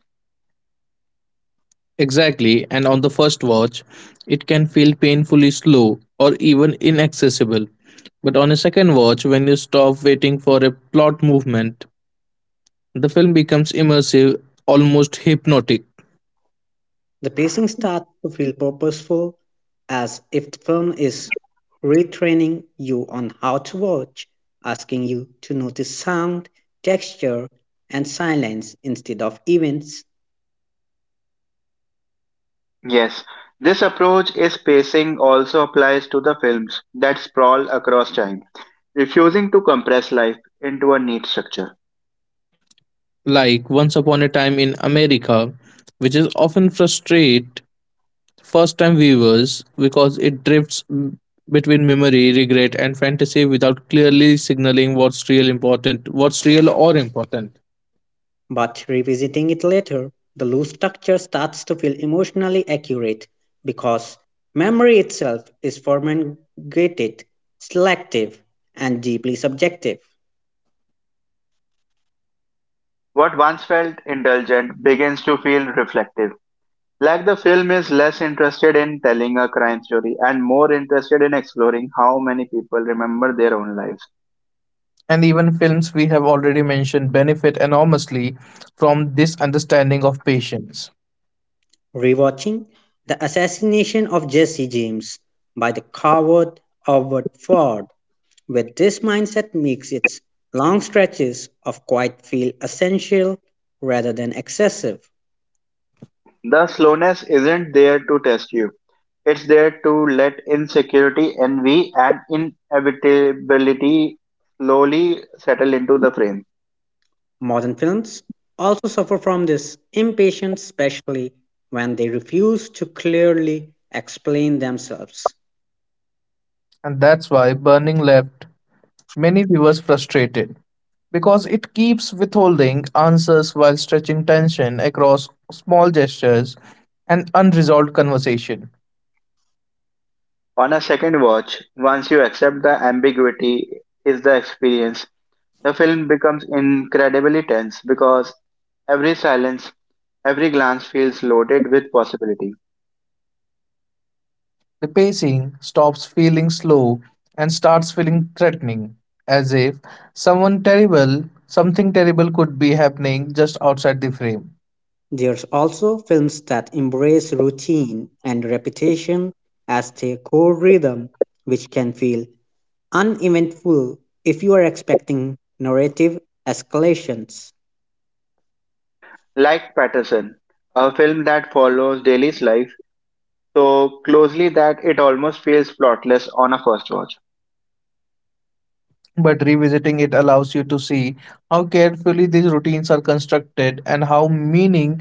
[SPEAKER 2] Exactly, and on the first watch, it can feel painfully slow or even inaccessible. But on a second watch, when you stop waiting for a plot movement, the film becomes immersive, almost hypnotic,
[SPEAKER 3] The pacing starts to feel purposeful, as if the film is retraining you on how to watch, asking you to notice sound, texture, and silence instead of events.
[SPEAKER 1] Yes, this approach is pacing also applies to the films that sprawl across time, refusing to compress life into a neat structure.
[SPEAKER 2] like Once Upon a Time in America, which is often frustrate first-time viewers because it drifts between memory, regret, and fantasy without clearly signaling what's real or important.
[SPEAKER 3] But revisiting it later, the loose structure starts to feel emotionally accurate because memory itself is fragmented, selective, and deeply subjective.
[SPEAKER 1] What once felt indulgent begins to feel reflective, like the film is less interested in telling a crime story and more interested in exploring how many people remember their own lives.
[SPEAKER 2] And even films we have already mentioned benefit enormously from this understanding of patience.
[SPEAKER 3] Rewatching The Assassination of Jesse James by the coward Howard Ford with this mindset makes its long stretches of quiet feel essential rather than excessive.
[SPEAKER 1] The slowness isn't there to test you. It's there to let insecurity, envy, and inevitability slowly settle into the frame.
[SPEAKER 3] Modern films also suffer from this impatience, especially when they refuse to clearly explain themselves.
[SPEAKER 2] And that's why Burning left many viewers frustrated because it keeps withholding answers while stretching tension across small gestures and unresolved conversation.
[SPEAKER 1] On a second watch, once you accept the ambiguity is the experience, the film becomes incredibly tense because every silence, every glance feels loaded with possibility.
[SPEAKER 2] The pacing stops feeling slow and starts feeling threatening, as if something terrible could be happening just outside the frame.
[SPEAKER 3] There's also films that embrace routine and repetition as their core rhythm, which can feel uneventful if you are expecting narrative escalations.
[SPEAKER 1] Like Patterson, a film that follows Daly's life so closely that it almost feels plotless on a first watch.
[SPEAKER 2] But revisiting it allows you to see how carefully these routines are constructed and how meaning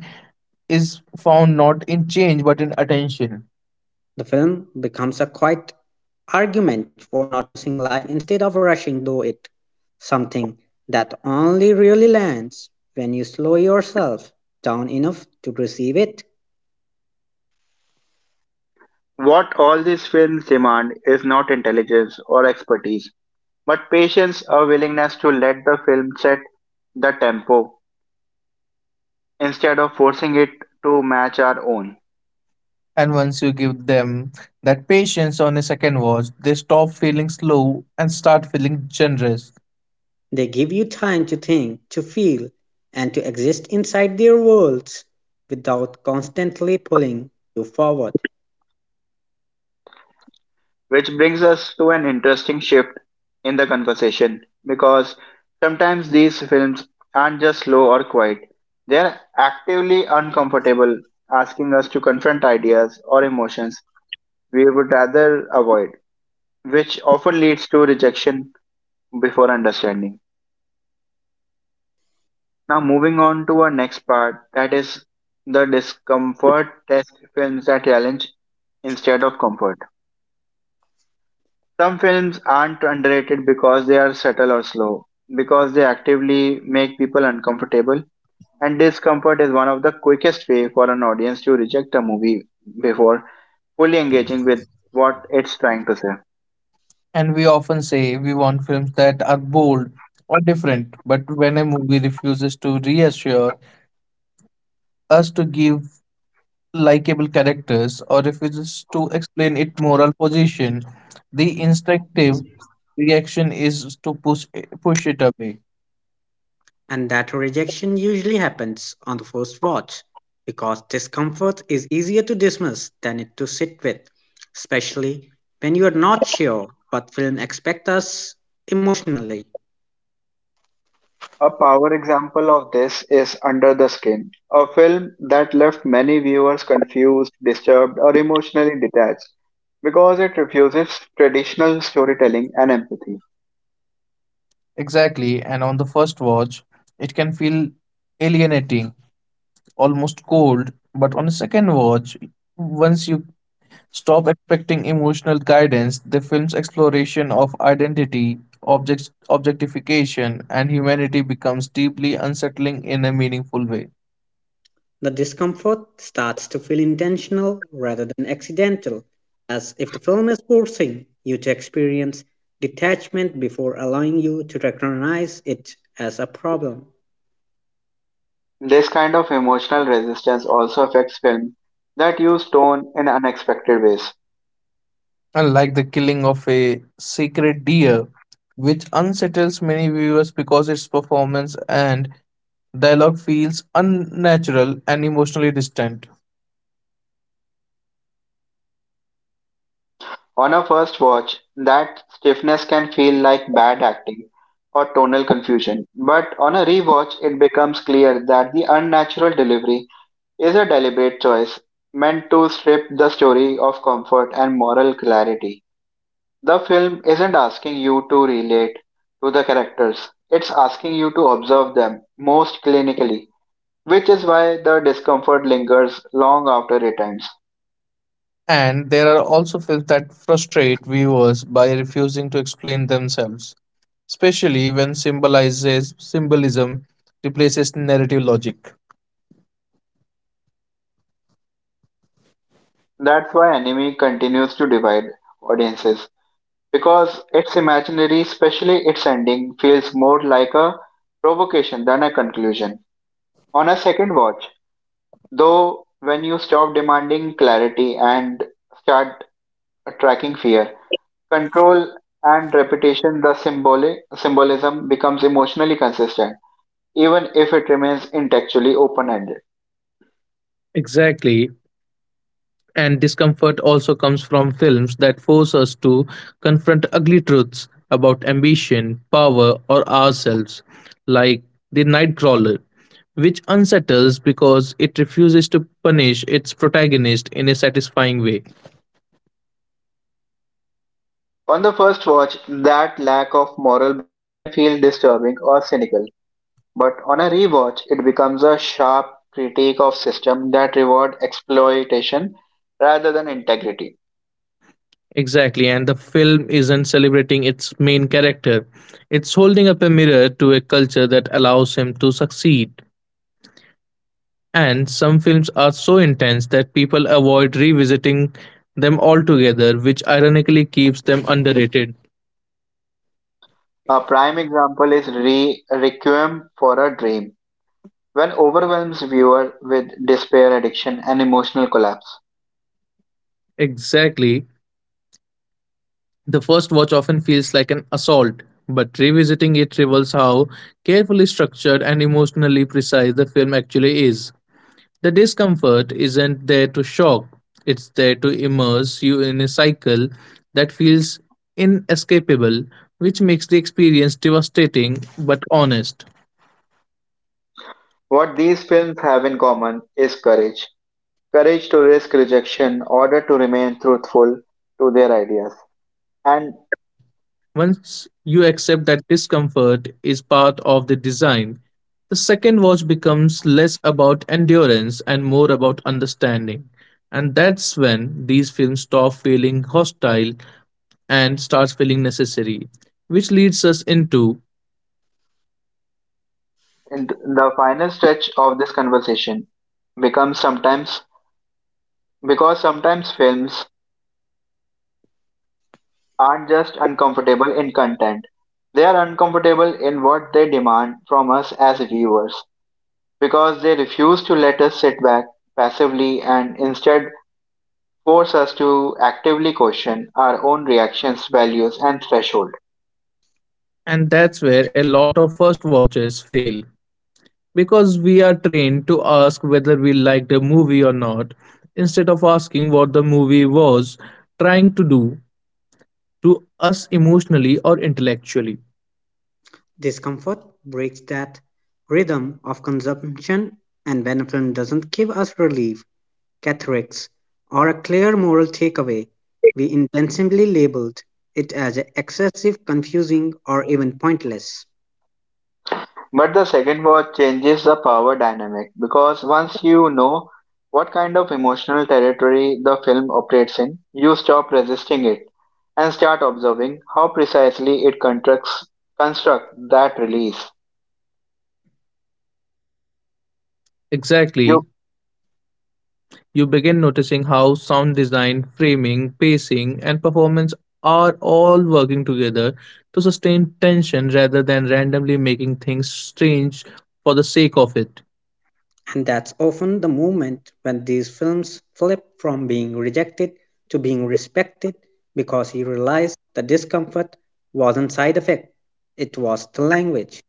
[SPEAKER 2] is found not in change but in attention.
[SPEAKER 3] The film becomes a quiet argument for noticing life instead of rushing through it, something that only really lands when you slow yourself down enough to perceive it.
[SPEAKER 1] What all these films demand is not intelligence or expertise, but patience or willingness to let the film set the tempo instead of forcing it to match our own.
[SPEAKER 2] And once you give them that patience on a second watch, they stop feeling slow and start feeling generous.
[SPEAKER 3] They give you time to think, to feel, and to exist inside their worlds without constantly pulling you forward.
[SPEAKER 1] Which brings us to an interesting shift in the conversation, because sometimes these films aren't just slow or quiet, they're actively uncomfortable, asking us to confront ideas or emotions we would rather avoid, which often leads to rejection before understanding. Now, moving on to our next part, that is the discomfort test: films that challenge instead of comfort. Some films aren't underrated because they are subtle or slow, because they actively make people uncomfortable, and discomfort is one of the quickest way for an audience to reject a movie before fully engaging with what it's trying to say.
[SPEAKER 2] And we often say we want films that are bold or different, but when a movie refuses to reassure us to give likable characters or refuses to explain its moral position, the instinctive reaction is to push it away.
[SPEAKER 3] And that rejection usually happens on the first watch because discomfort is easier to dismiss than it to sit with, especially when you are not sure what film expect us emotionally.
[SPEAKER 1] A power example of this is Under the Skin, a film that left many viewers confused, disturbed, or emotionally detached because it refuses traditional storytelling and empathy.
[SPEAKER 2] Exactly, and on the first watch, it can feel alienating almost cold, but on a second watch, once you stop expecting emotional guidance, the film's exploration of identity, objectification, and humanity becomes deeply unsettling in a meaningful way.
[SPEAKER 3] The discomfort starts to feel intentional rather than accidental, as if the film is forcing you to experience detachment before allowing you to recognize it as a problem.
[SPEAKER 1] This kind of emotional resistance also affects films that use tone in unexpected ways.
[SPEAKER 2] Unlike the killing of a sacred deer, which unsettles many viewers because its performance and dialogue feels unnatural and emotionally distant.
[SPEAKER 1] On a first watch, that stiffness can feel like bad acting or tonal confusion, but on a rewatch, it becomes clear that the unnatural delivery is a deliberate choice meant to strip the story of comfort and moral clarity. The film isn't asking you to relate to the characters, it's asking you to observe them most clinically, which is why the discomfort lingers long after it ends.
[SPEAKER 2] And there are also films that frustrate viewers by refusing to explain themselves, especially when symbolizes symbolism replaces narrative logic.
[SPEAKER 1] That's why anime continues to divide audiences, because its imaginary, especially its ending, feels more like a provocation than a conclusion. On a second watch, though, when you stop demanding clarity and start tracking fear, control and repetition, the symbolism becomes emotionally consistent, even if it remains intellectually open ended.
[SPEAKER 2] Exactly. And discomfort also comes from films that force us to confront ugly truths about ambition, power, or ourselves, like The Nightcrawler, which unsettles because it refuses to punish its protagonist in a satisfying way.
[SPEAKER 1] On the first watch, that lack of moral balance can feel disturbing or cynical, but on a rewatch, it becomes a sharp critique of system that reward exploitation rather than integrity.
[SPEAKER 2] Exactly, and the film isn't celebrating its main character. It's holding up a mirror to a culture that allows him to succeed. And some films are so intense that people avoid revisiting them altogether, which ironically keeps them underrated.
[SPEAKER 1] A prime example is Requiem for a Dream, when overwhelms viewer with despair, addiction, and emotional collapse.
[SPEAKER 2] Exactly. The first watch often feels like an assault, but revisiting it reveals how carefully structured and emotionally precise the film actually is. The discomfort isn't there to shock, it's there to immerse you in a cycle that feels inescapable, which makes the experience devastating but honest.
[SPEAKER 1] What these films have in common is courage. Courage to risk rejection, order to remain truthful to their ideas. And
[SPEAKER 2] Once you accept that discomfort is part of the design, the second watch becomes less about endurance and more about understanding. And that's when these films stop feeling hostile and starts feeling necessary, which leads us into.
[SPEAKER 1] And the final stretch of this conversation becomes sometimes, because sometimes films aren't just uncomfortable in content. They are uncomfortable in what they demand from us as viewers, because they refuse to let us sit back passively and instead force us to actively question our own reactions, values, and thresholds.
[SPEAKER 2] And that's where a lot of first watches fail because we are trained to ask whether we liked a movie or not instead of asking what the movie was trying to do to us emotionally or intellectually.
[SPEAKER 3] Discomfort breaks that rhythm of consumption, and when a film doesn't give us relief, catharsis, or a clear moral takeaway, we intentionally labeled it as excessive, confusing, or even pointless.
[SPEAKER 1] But the second watch changes the power dynamic, because once you know what kind of emotional territory the film operates in, you stop resisting it and start observing how precisely it constructs construct that release.
[SPEAKER 2] Exactly,
[SPEAKER 1] You,
[SPEAKER 2] you begin noticing how sound design, framing, pacing, and performance are all working together to sustain tension rather than randomly making things strange for the sake of it.
[SPEAKER 3] And that's often the moment when these films flip from being rejected to being respected because he realized the discomfort wasn't side effect, it was the language.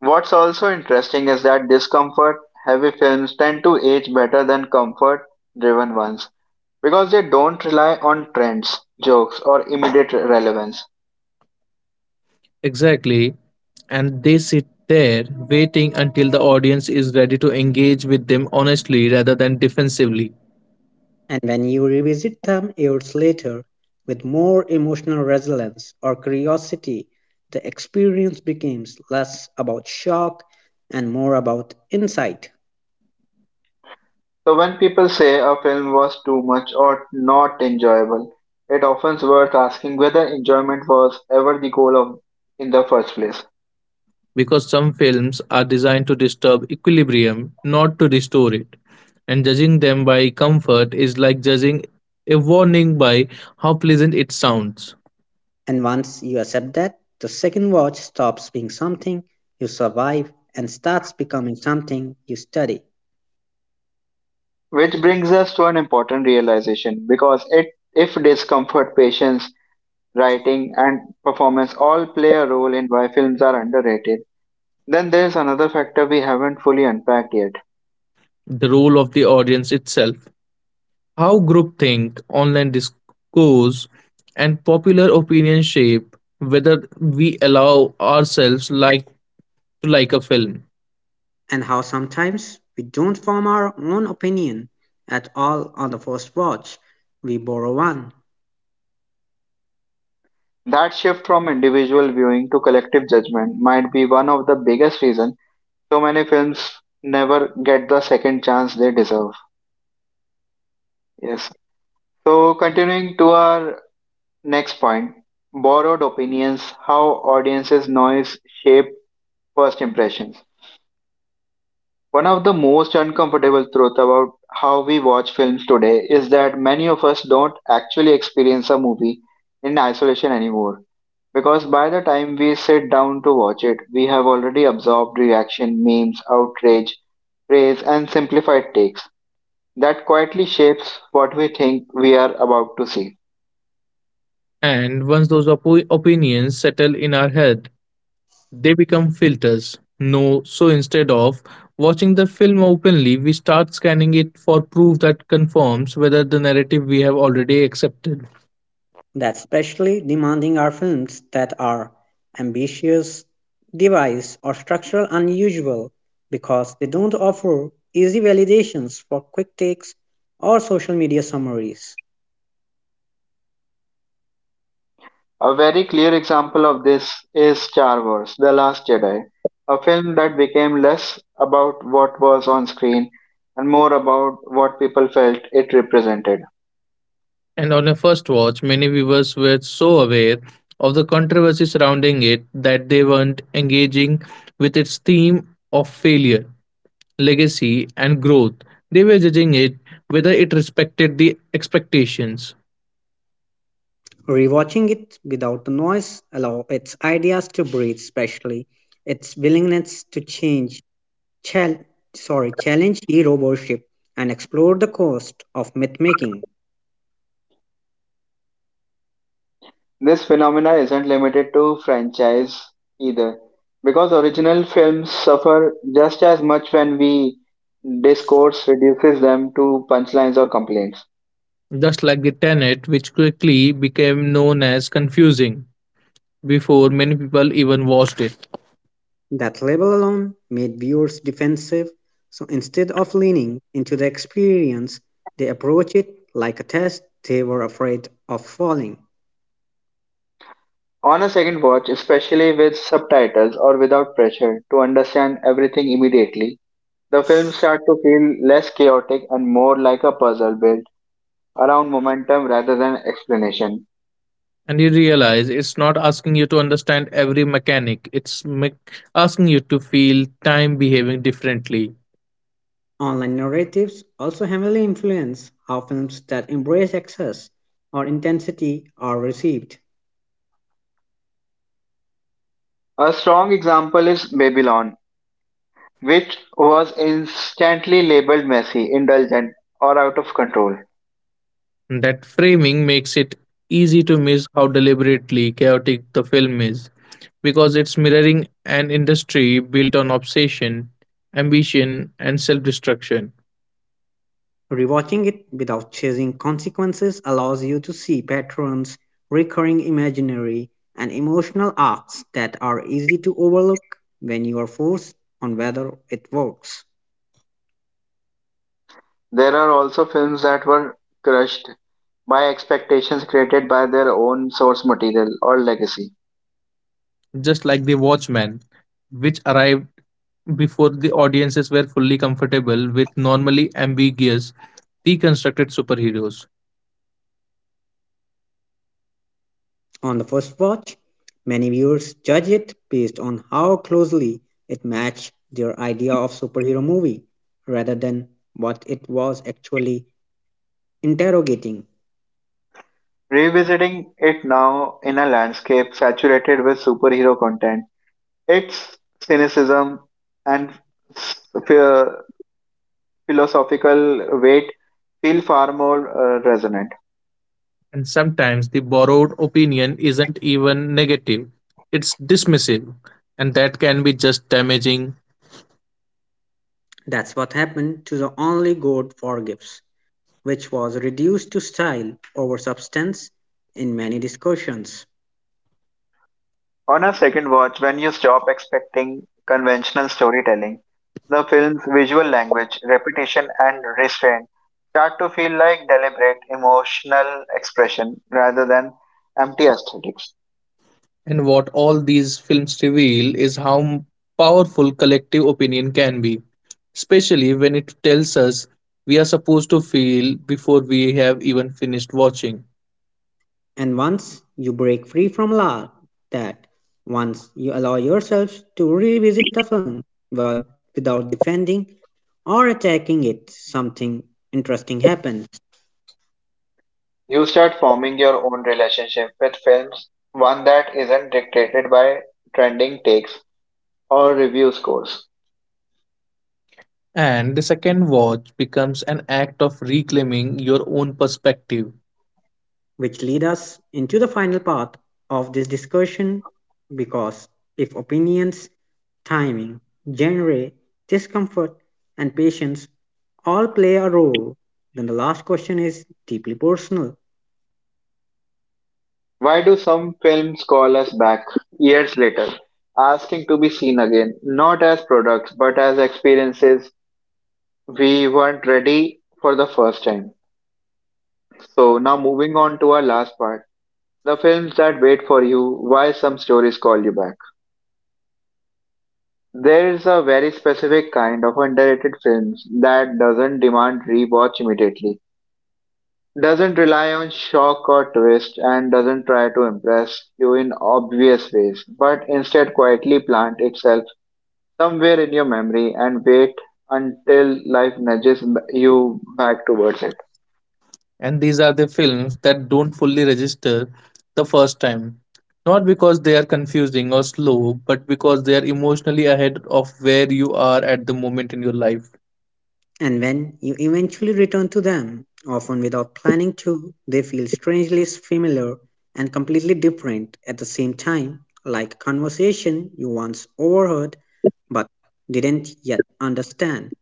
[SPEAKER 1] what's also interesting is that discomfort heavy films tend to age better than comfort driven ones because they don't rely on trends, jokes, or immediate relevance.
[SPEAKER 2] Exactly. And they sit there waiting until the audience is ready to engage with them honestly rather than defensively.
[SPEAKER 3] And when you revisit them years later with more emotional resilience or curiosity, the experience becomes less about shock and more about insight.
[SPEAKER 1] So when people say a film was too much or not enjoyable, it often's worth asking whether enjoyment was ever the goal of in the first place.
[SPEAKER 2] Because some films are designed to disturb equilibrium, not to restore it. And judging them by comfort is like judging a warning by how pleasant it sounds,
[SPEAKER 3] And once you accept that, the second watch stops being something you survive and starts becoming something you study.
[SPEAKER 1] Which brings us to an important realization because it, if discomfort, patience, writing and performance all play a role in why films are underrated, then there is another factor we haven't fully unpacked yet.
[SPEAKER 2] the role of the audience itself. How groupthink, online discourse, and popular opinion shape whether we allow ourselves like to like a film.
[SPEAKER 3] And how sometimes we don't form our own opinion at all on the first watch, we borrow one.
[SPEAKER 1] That shift from individual viewing to collective judgment might be one of the biggest reasons so many films never get the second chance they deserve. Yes. So continuing to our next point, borrowed opinions, how audiences noise shape first impressions. One of the most uncomfortable truths about how we watch films today is that many of us don't actually experience a movie in isolation anymore, because by the time we sit down to watch it, we have already absorbed reaction, memes, outrage, praise, and simplified takes. That quietly shapes what we think we are about to see.
[SPEAKER 2] And once those opinions settle in our head, they become filters. No, so instead of watching the film openly, we start scanning it for proof that confirms whether the narrative we have already accepted.
[SPEAKER 3] That's especially demanding are films that are ambitious, device or structural unusual because they don't offer easy validations for quick takes or social media summaries.
[SPEAKER 1] A very clear example of this is Star Wars The Last Jedi, a film that became less about what was on screen and more about what people felt it represented.
[SPEAKER 2] And on a first watch, many viewers were so aware of the controversy surrounding it that they weren't engaging with its theme of failure, legacy, and growth. They were judging it whether it respected the expectations.
[SPEAKER 3] Rewatching it without the noise allows its ideas to breathe, especially its willingness to change, chal- challenge hero worship and explore the cost of myth making.
[SPEAKER 1] This phenomena isn't limited to franchise either, because original films suffer just as much when we discourse reduces them to punchlines or complaints.
[SPEAKER 2] Just like the Tenet, which quickly became known as confusing before many people even watched it.
[SPEAKER 3] That label alone made viewers defensive, so instead of leaning into the experience, they approach it like a test they were afraid of falling.
[SPEAKER 1] On a second watch, especially with subtitles or without pressure to understand everything immediately, the films start to feel less chaotic and more like a puzzle built around momentum rather than explanation.
[SPEAKER 2] And you realize it's not asking you to understand every mechanic, asking you to feel time behaving differently.
[SPEAKER 3] Online narratives also heavily influence how films that embrace excess or intensity are received.
[SPEAKER 1] A strong example is Babylon, which was instantly labeled messy, indulgent, or out of control.
[SPEAKER 2] And that framing makes it easy to miss how deliberately chaotic the film is, because it's mirroring an industry built on obsession, ambition, and self destruction,
[SPEAKER 3] Rewatching it without chasing consequences allows you to see patterns, recurring imaginary, and emotional arcs that are easy to overlook when you are forced on whether it works.
[SPEAKER 1] There are also films that were crushed by expectations created by their own source material or legacy.
[SPEAKER 2] just like The Watchmen which arrived before the audiences were fully comfortable with normally ambiguous, deconstructed superheroes.
[SPEAKER 3] On the first watch, many viewers judge it based on how closely it matched their idea of superhero movie rather than what it was actually interrogating.
[SPEAKER 1] Revisiting it now in a landscape saturated with superhero content, its cynicism and phi- philosophical weight feel far more resonant.
[SPEAKER 2] And sometimes the borrowed opinion isn't even negative, it's dismissive, and that can be just damaging.
[SPEAKER 3] That's what happened to the only God Forgives, which was reduced to style over substance in many discussions.
[SPEAKER 1] On a second watch, when you stop expecting conventional storytelling, the film's visual language, repetition, and restraint start to feel like deliberate emotional expression rather than empty aesthetics.
[SPEAKER 2] And what all these films reveal is how powerful collective opinion can be, especially when it tells us we are supposed to feel before we have even finished watching.
[SPEAKER 3] And once you break free from la that, once you allow yourself to revisit a film but without defending or attacking it, something interesting happens,
[SPEAKER 1] You start forming your own relationship with films, one that isn't dictated by trending takes or review scores.
[SPEAKER 2] And the second watch becomes an act of reclaiming your own perspective.
[SPEAKER 3] which lead us into the final part of this discussion because if opinions, timing, genre, discomfort, and patience all play a role, then the last question is deeply personal.
[SPEAKER 1] Why do some films call us back years later, asking to be seen again, not as products but as experiences we weren't ready for the first time? So, now moving on to our last part, the films that wait for you, why some stories call you back. There's a very specific kind of underrated films that doesn't demand rewatch immediately, doesn't rely on shock or twist and doesn't try to impress you in obvious ways, but instead quietly plant itself somewhere in your memory and wait until life nudges you back towards it.
[SPEAKER 2] And these are the films that don't fully register the first time. Not because they are confusing or slow, but because they are emotionally ahead of where you are at the moment in your life.
[SPEAKER 3] And when you eventually return to them, often without planning to, they feel strangely familiar and completely different at the same time, like a conversation you once overheard but didn't yet understand.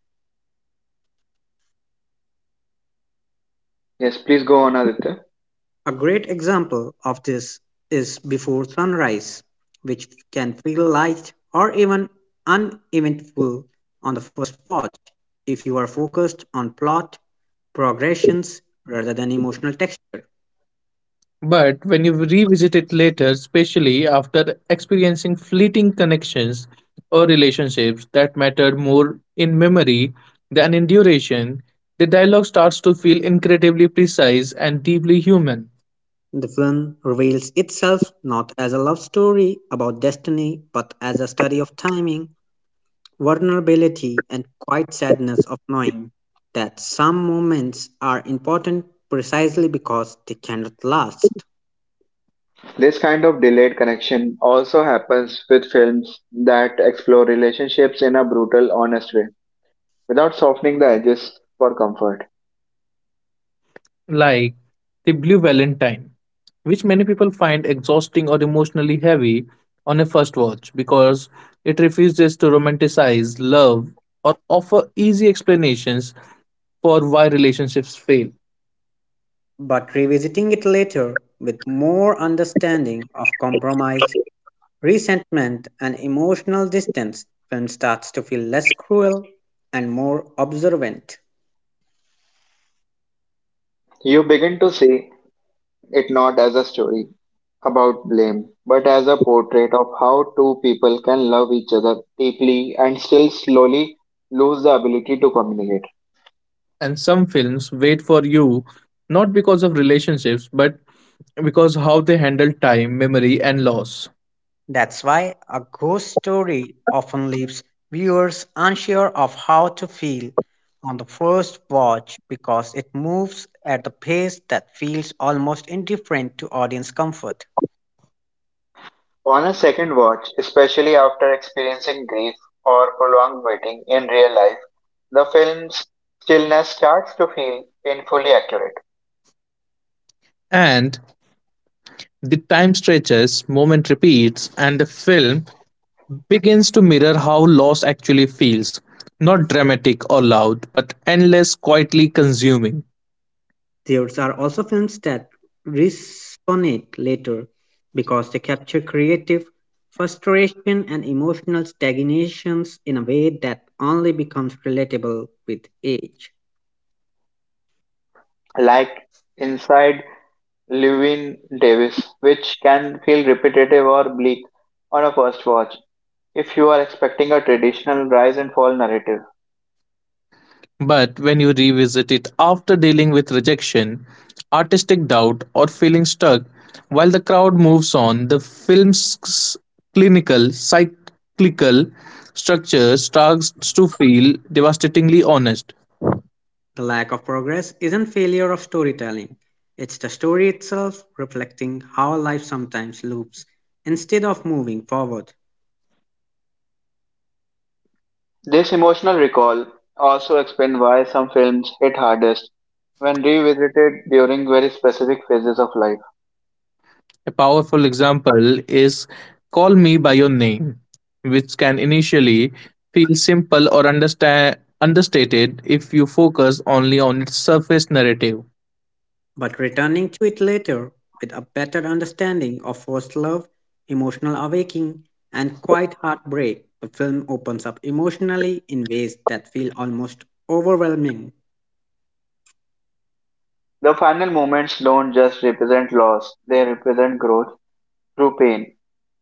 [SPEAKER 1] Yes, please go on, Aditya.
[SPEAKER 3] A great example of this is Before Sunrise, which can feel light or even uneventful on the first watch if you are focused on plot progressions rather than emotional texture.
[SPEAKER 2] But when you revisit it later, especially after experiencing fleeting connections or relationships that mattered more in memory than in duration, the dialogue starts to feel incredibly precise and deeply human,
[SPEAKER 3] The film reveals itself not as a love story about destiny, but as a study of timing, vulnerability, and quiet sadness of knowing that some moments are important precisely because they cannot last.
[SPEAKER 1] This kind of delayed connection also happens with films that explore relationships in a brutal, honest way, without softening the edges for comfort.
[SPEAKER 2] like the Blue Valentine, which many people find exhausting or emotionally heavy on a first watch because it refuses to romanticize love or offer easy explanations for why relationships fail.
[SPEAKER 3] But revisiting it later with more understanding of compromise, resentment, and emotional distance, film starts to feel less cruel and more observant.
[SPEAKER 1] You begin to see it not as a story about blame, but as a portrait of how two people can love each other deeply and still slowly lose the ability to communicate.
[SPEAKER 2] And some films wait for you not because of relationships, but because how they handle time, memory, and loss.
[SPEAKER 3] That's why a ghost story often leaves viewers unsure of how to feel on the first watch because it moves at the pace that feels almost indifferent to audience comfort.
[SPEAKER 1] On a second watch, especially after experiencing grief or prolonged waiting in real life, the film's stillness starts to feel painfully accurate,
[SPEAKER 2] And the time stretches, moment repeats, and the film begins to mirror how loss actually feels. Not dramatic or loud, but endless, quietly consuming.
[SPEAKER 3] There are also films that resonate later because they capture creative frustration and emotional stagnations in a way that only becomes relatable with age.
[SPEAKER 1] like inside Lewin Davis, which can feel repetitive or bleak on a first watch if you are expecting a traditional rise and fall narrative.
[SPEAKER 2] But when you revisit it after dealing with rejection, artistic doubt, or feeling stuck, while the crowd moves on, the film's clinical, cyclical structure starts to feel devastatingly honest.
[SPEAKER 3] The lack of progress isn't failure of storytelling, it's the story itself reflecting how life sometimes loops instead of moving forward,
[SPEAKER 1] This emotional recall also explains why some films hit hardest when revisited during very specific phases of life.
[SPEAKER 2] A powerful example is Call Me By Your Name, which can initially feel understated if you focus only on its surface narrative.
[SPEAKER 3] but returning to it later with a better understanding of first love, emotional awakening, and quiet heartbreak. The film opens up emotionally in ways that feel almost overwhelming.
[SPEAKER 1] The final moments don't just represent loss, they represent growth through pain,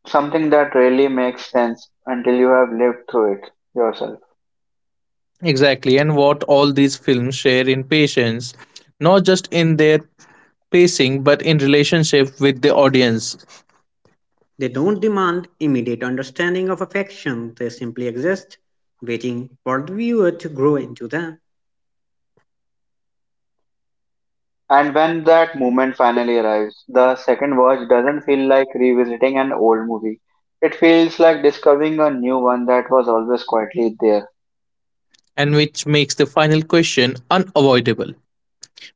[SPEAKER 1] something that rarely makes sense until you have lived through it yourself.
[SPEAKER 2] Exactly, and what all these films share in patience, not just in their pacing but in relationship with the audience,
[SPEAKER 3] They don't demand immediate understanding of affection, they simply exist, waiting for the viewer to grow into them.
[SPEAKER 1] And when that moment finally arrives, the second watch doesn't feel like revisiting an old movie. It feels like discovering a new one that was always quietly there.
[SPEAKER 2] and which makes the final question unavoidable.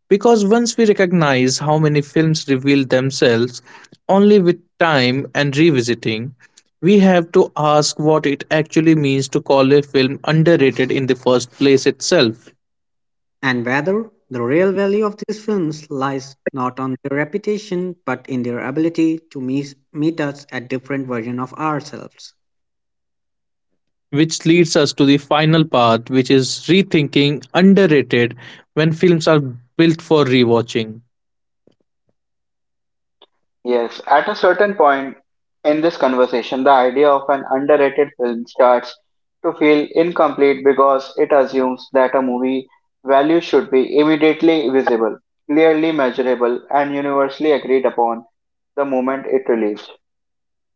[SPEAKER 2] Because once we recognize how many films reveal themselves only with time and revisiting, we have to ask what it actually means to call a film underrated in the first place itself.
[SPEAKER 3] And whether the real value of these films lies not on their reputation but in their ability to meet us at different versions of ourselves.
[SPEAKER 2] Which leads us to the final part, which is rethinking underrated when films are built for rewatching.
[SPEAKER 1] Yes, at a certain point in this conversation, the idea of an underrated film starts to feel incomplete because it assumes that a movie value should be immediately visible, clearly measurable, and universally agreed upon the moment it released.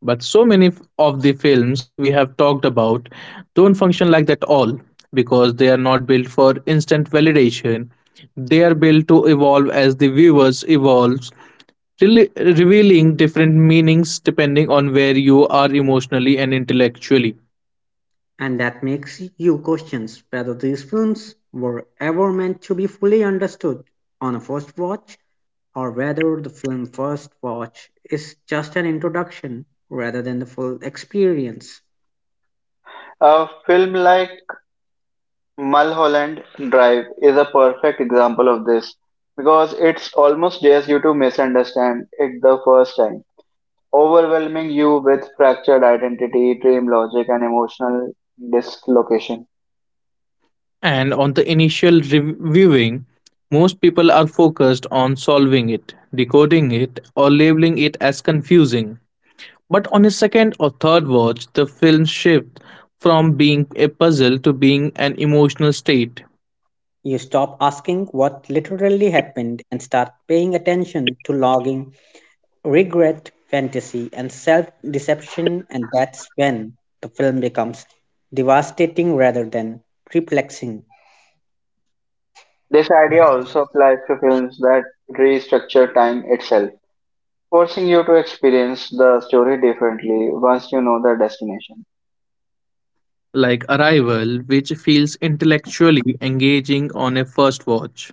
[SPEAKER 2] But so many of the films we have talked about don't function like that all because they are not built for instant validation. They are built to evolve as the viewers evolves, really revealing different meanings depending on where you are emotionally and intellectually.
[SPEAKER 3] And that makes you question whether these films were ever meant to be fully understood on a first watch or whether the film first watch is just an introduction rather than the full experience.
[SPEAKER 1] A film like Mulholland Drive is a perfect example of this because it's almost dares you to misunderstand it the first time, overwhelming you with fractured identity, dream logic, and emotional dislocation.
[SPEAKER 2] And on the initial reviewing, most people are focused on solving it, decoding it, or labeling it as confusing. But on a second or third watch, the film shifts from being a puzzle to being an emotional state,
[SPEAKER 3] You stop asking what literally happened and start paying attention to logging regret, fantasy, and self deception, and that's when the film becomes devastating rather than perplexing.
[SPEAKER 1] This idea also applies to films that restructure time itself, forcing you to experience the story differently once you know the destination.
[SPEAKER 2] like Arrival, which feels intellectually engaging on a first watch,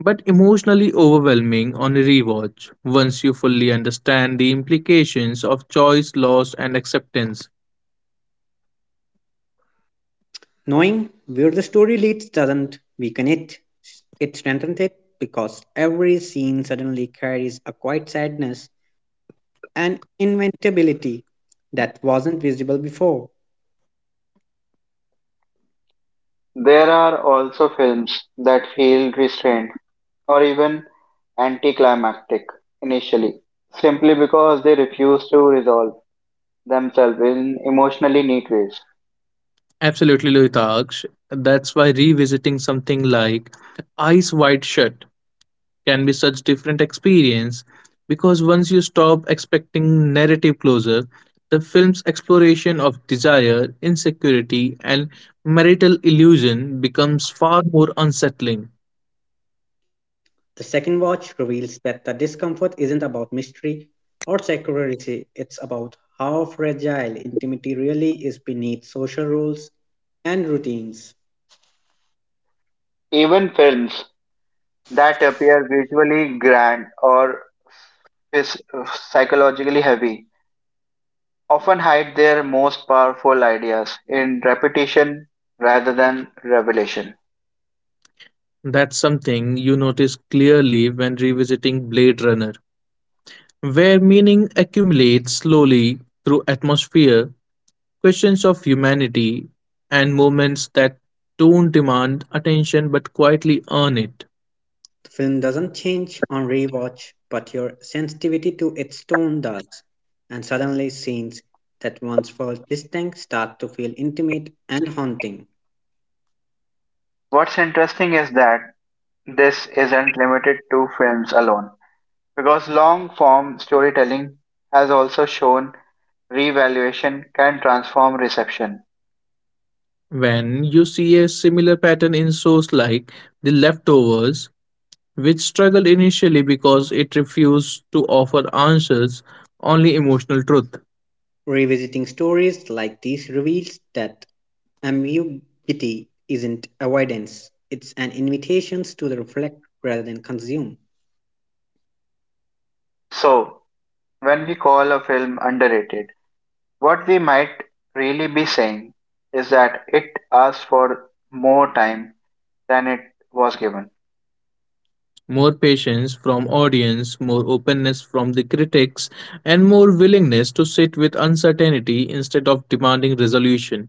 [SPEAKER 2] but emotionally overwhelming on a rewatch, once you fully understand the implications of choice, loss, and acceptance.
[SPEAKER 3] Knowing where the story leads doesn't weaken it, it strengthens it because every scene suddenly carries a quiet sadness and inventability that wasn't visible before.
[SPEAKER 1] There are also films that feel restrained or even anticlimactic initially, simply because they refuse to resolve themselves in emotionally neat ways.
[SPEAKER 2] Absolutely, Lohitaksh. That's why revisiting something like Eyes Wide Shut can be such different experience because once you stop expecting narrative closure, the film's exploration of desire, insecurity, and marital illusion becomes far more unsettling.
[SPEAKER 3] The second watch reveals that the discomfort isn't about mystery or security, it's about how fragile intimacy really is beneath social rules and routines.
[SPEAKER 1] Even films that appear visually grand or phys- psychologically heavy often hide their most powerful ideas in repetition rather than revelation.
[SPEAKER 2] That's something you notice clearly when revisiting Blade Runner, where meaning accumulates slowly through atmosphere questions of humanity, and moments that don't demand attention but quietly earn it.
[SPEAKER 3] The film doesn't change on rewatch, but your sensitivity to its tone does, and suddenly scenes that once felt distant start to feel intimate and haunting.
[SPEAKER 1] What's interesting is that this isn't limited to films alone, because long form storytelling has also shown revaluation can transform reception.
[SPEAKER 2] When you see a similar pattern in shows like The Leftovers, which struggled initially because it refused to offer answers, only emotional truth.
[SPEAKER 3] Revisiting stories like these reveals that ambiguity isn't avoidance, it's an invitation to the reflect rather than consume.
[SPEAKER 1] So, when we call a film underrated, what we might really be saying is that it asked for more time than it was given.
[SPEAKER 2] More patience from audience, more openness from the critics, and more willingness to sit with uncertainty instead of demanding resolution.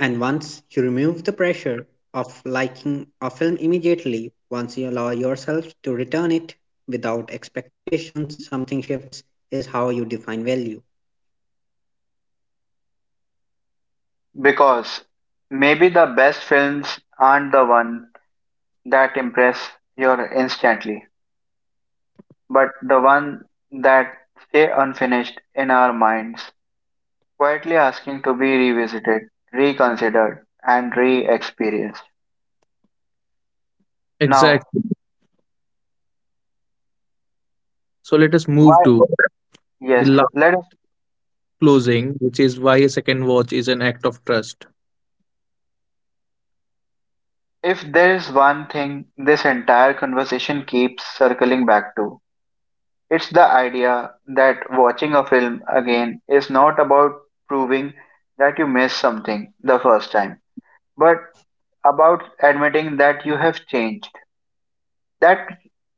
[SPEAKER 3] And once you remove the pressure of liking a film immediately, once you allow yourself to return it without expectations, something shifts is how you define value.
[SPEAKER 1] Because maybe the best films aren't the one that impress you instantly, but the one that stay unfinished in our minds, quietly asking to be revisited, reconsidered, and re-experienced. Now,
[SPEAKER 2] Exactly. So let us move
[SPEAKER 1] why?
[SPEAKER 2] to the
[SPEAKER 1] Yes,
[SPEAKER 2] last.
[SPEAKER 1] let us.
[SPEAKER 2] Closing, which is why a second watch is an act of trust.
[SPEAKER 1] If there is one thing this entire conversation keeps circling back to, it's the idea that watching a film again is not about proving that you missed something the first time, but about admitting that you have changed, that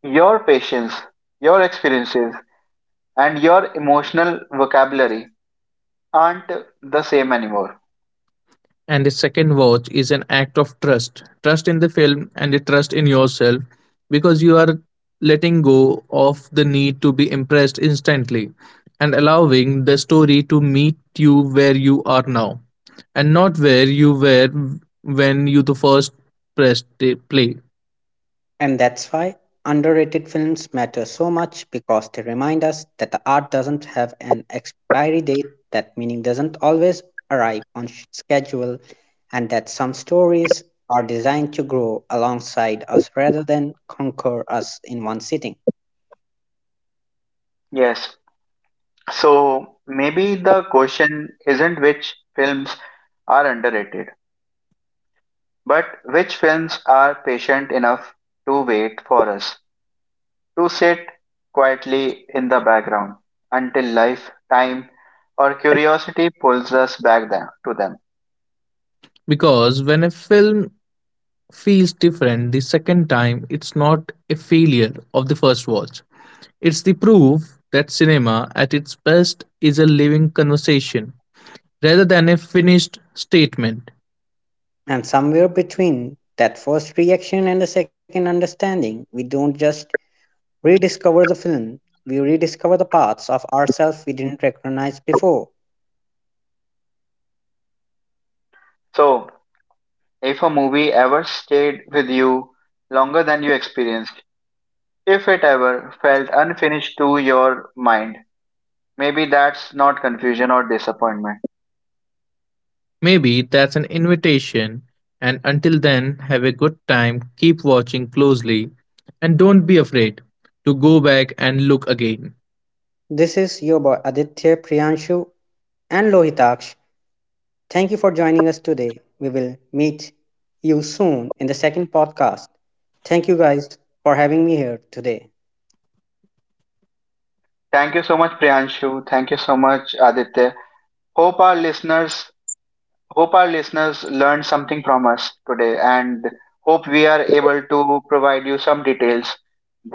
[SPEAKER 1] your patience, your experiences, and your emotional vocabulary aren't the same anymore.
[SPEAKER 2] And a second watch is an act of trust. Trust in the film and a trust in yourself because you are letting go of the need to be impressed instantly and allowing the story to meet you where you are now and not where you were when you the first pressed play.
[SPEAKER 3] And that's why underrated films matter so much because they remind us that the art doesn't have an expiry date, that meaning doesn't always arrive on schedule, and that some stories are designed to grow alongside us rather than conquer us in one sitting.
[SPEAKER 1] Yes. So maybe the question isn't which films are underrated, but which films are patient enough to wait for us, to sit quietly in the background until life, time, or curiosity pulls us back to them.
[SPEAKER 2] Because when a film feels different the second time, it's not a failure of the first watch. It's the proof that cinema, at its best, is a living conversation rather than a finished statement.
[SPEAKER 3] And somewhere between that first reaction and the second understanding, we don't just rediscover the film, we rediscover the parts of ourselves we didn't recognize before.
[SPEAKER 1] So, if a movie ever stayed with you longer than you experienced, if it ever felt unfinished to your mind, maybe that's not confusion or disappointment.
[SPEAKER 2] Maybe that's an invitation, and until then, have a good time, keep watching closely, and don't be afraid to go back and look again.
[SPEAKER 3] This is your boy Aditya, Priyanshu, and Lohitaksh. Thank you for joining us today. We will meet you soon in the second podcast. Thank you guys for having me here today.
[SPEAKER 1] Thank you so much, Priyanshu. Thank you so much, Aditya. Hope our listeners Hope our listeners learned something from us today and hope we are able to provide you some details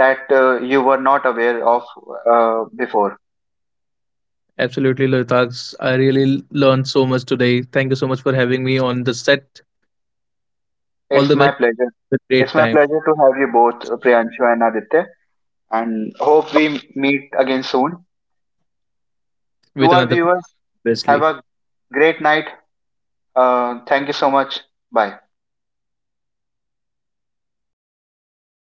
[SPEAKER 1] that you were not aware of before.
[SPEAKER 2] Absolutely, Loitags. I really learned so much today. Thank you so much for having me on the set. All
[SPEAKER 1] It's
[SPEAKER 2] the
[SPEAKER 1] my
[SPEAKER 2] best.
[SPEAKER 1] pleasure.
[SPEAKER 2] A great
[SPEAKER 1] It's my
[SPEAKER 2] time
[SPEAKER 1] pleasure to have you both, Priyanshu and Aditya, and hope we meet again soon. To
[SPEAKER 2] with
[SPEAKER 1] our
[SPEAKER 2] another
[SPEAKER 1] viewers, have
[SPEAKER 2] Wesley.
[SPEAKER 1] a great night. Thank you so much. Bye.